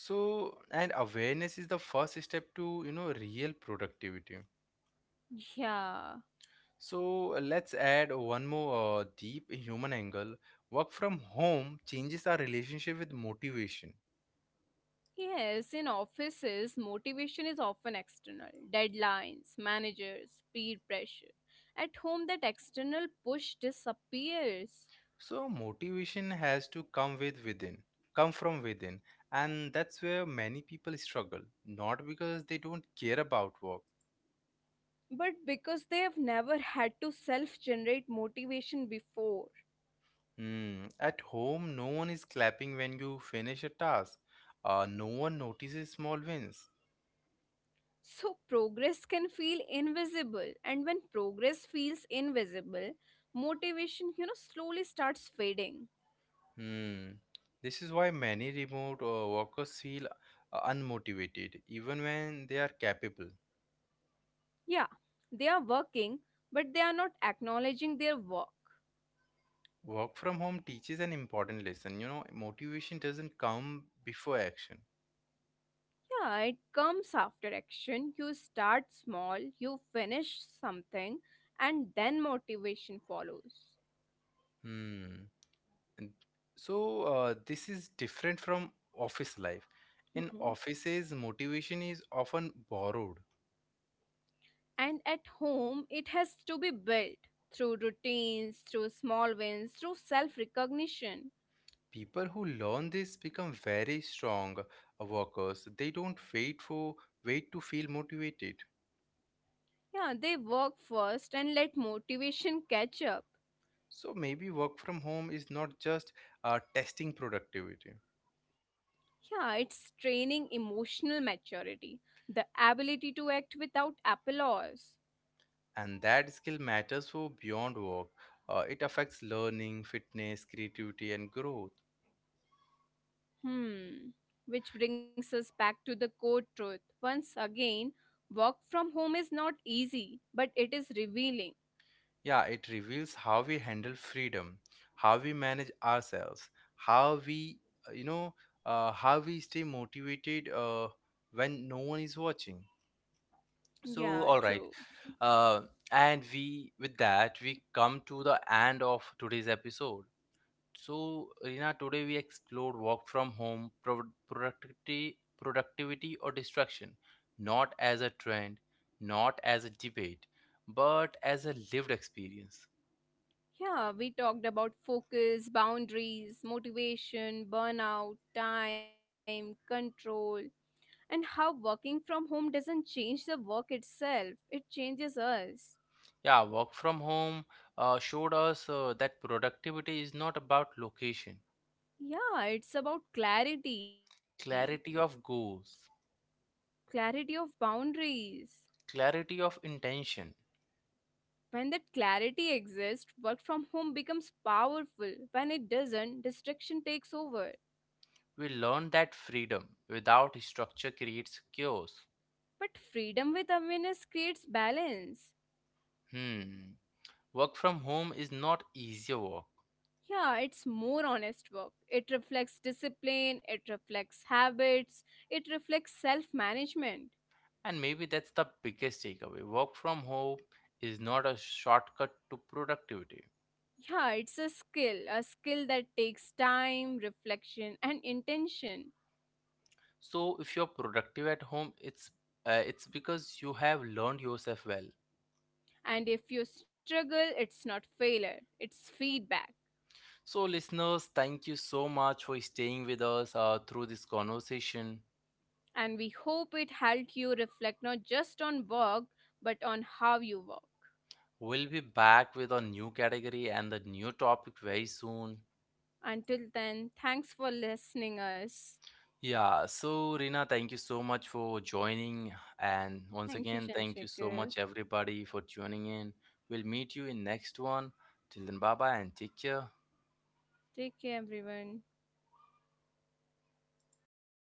[SPEAKER 1] So, and awareness is the first step to, you know, real productivity.
[SPEAKER 2] Yeah.
[SPEAKER 1] So uh, let's add one more uh, deep human angle. Work from home changes our relationship with motivation.
[SPEAKER 2] Yes, in offices motivation is often external: deadlines, managers, peer pressure. At home that external push disappears,
[SPEAKER 1] So motivation has to come with within come from within, and that's where many people struggle, not because they don't care about work.
[SPEAKER 2] but because they have never had to self generate motivation before.
[SPEAKER 1] Hmm, at home no one is clapping when you finish a task, uh, no one notices small wins.
[SPEAKER 2] So, progress can feel invisible, and when progress feels invisible, motivation, you know, slowly starts fading.
[SPEAKER 1] Hmm. This is why many remote uh, workers feel uh, unmotivated, even when they are capable.
[SPEAKER 2] Yeah, they are working, but they are not acknowledging their work.
[SPEAKER 1] Work from home teaches an important lesson. You know, motivation doesn't come before action.
[SPEAKER 2] Yeah, it comes after action. You start small, you finish something, and then motivation follows.
[SPEAKER 1] Hmm. And so, uh, this is different from office life.
[SPEAKER 2] Hmm.
[SPEAKER 1] In offices, motivation is often borrowed.
[SPEAKER 2] And at home, it has to be built through routines, through small wins, through self recognition.
[SPEAKER 1] People who learn this become very strong uh, workers. They don't wait for wait to feel motivated.
[SPEAKER 2] Yeah, they work first and let motivation catch up.
[SPEAKER 1] So maybe work from home is not just uh, testing productivity,
[SPEAKER 2] Yeah, it's training emotional maturity, the ability to act without applause.
[SPEAKER 1] and that skill matters for beyond work. Uh, it affects learning, fitness, creativity, and growth.
[SPEAKER 2] Hmm. Which brings us back to the core truth. Once again, work from home is not easy, but it is revealing.
[SPEAKER 1] Yeah, it reveals how we handle freedom, how we manage ourselves, how we, uh, you know, uh, how we stay motivated uh, when no one is watching. So,
[SPEAKER 2] Yeah,
[SPEAKER 1] all right,
[SPEAKER 2] true.
[SPEAKER 1] uh, and we with that we come to the end of today's episode. So, Rina, today we explored work from home, pro- productivity, productivity or distraction, not as a trend, not as a debate, but as a lived experience.
[SPEAKER 2] Yeah, we talked about focus, boundaries, motivation, burnout, time, control, and how working from home doesn't change the work itself, it changes us.
[SPEAKER 1] Yeah, work from home uh, showed us uh, that productivity is not about location,
[SPEAKER 2] Yeah, it's about clarity,
[SPEAKER 1] clarity of goals,
[SPEAKER 2] clarity of boundaries.
[SPEAKER 1] clarity of intention.
[SPEAKER 2] When that clarity exists, work from home becomes powerful. When it doesn't, distraction takes over.
[SPEAKER 1] We learned that freedom without structure creates chaos.
[SPEAKER 2] But freedom with awareness creates balance.
[SPEAKER 1] Hmm. Work from home is not easier work.
[SPEAKER 2] Yeah, it's more honest work. It reflects discipline, it reflects habits, it reflects self management.
[SPEAKER 1] And maybe that's the biggest takeaway. Work from home is not a shortcut to productivity.
[SPEAKER 2] Yeah, it's a skill, a skill that takes time, reflection, and intention.
[SPEAKER 1] So if you're productive at home, it's uh, it's because you have learned yourself well.
[SPEAKER 2] And if you struggle, it's not failure, it's feedback.
[SPEAKER 1] So listeners, thank you so much for staying with us uh, through this conversation.
[SPEAKER 2] And we hope it helped you reflect not just on work, but on how you work.
[SPEAKER 1] We'll be back with a new category and the new topic very soon.
[SPEAKER 2] Until then, thanks for listening us.
[SPEAKER 1] Yeah, so Rina, thank you so much for joining. And once
[SPEAKER 2] Thank you,
[SPEAKER 1] again, thank you so
[SPEAKER 2] Shanshekar.
[SPEAKER 1] much, everybody, for tuning in. We'll meet you in next one. Till then, bye bye and take care.
[SPEAKER 2] Take care, everyone.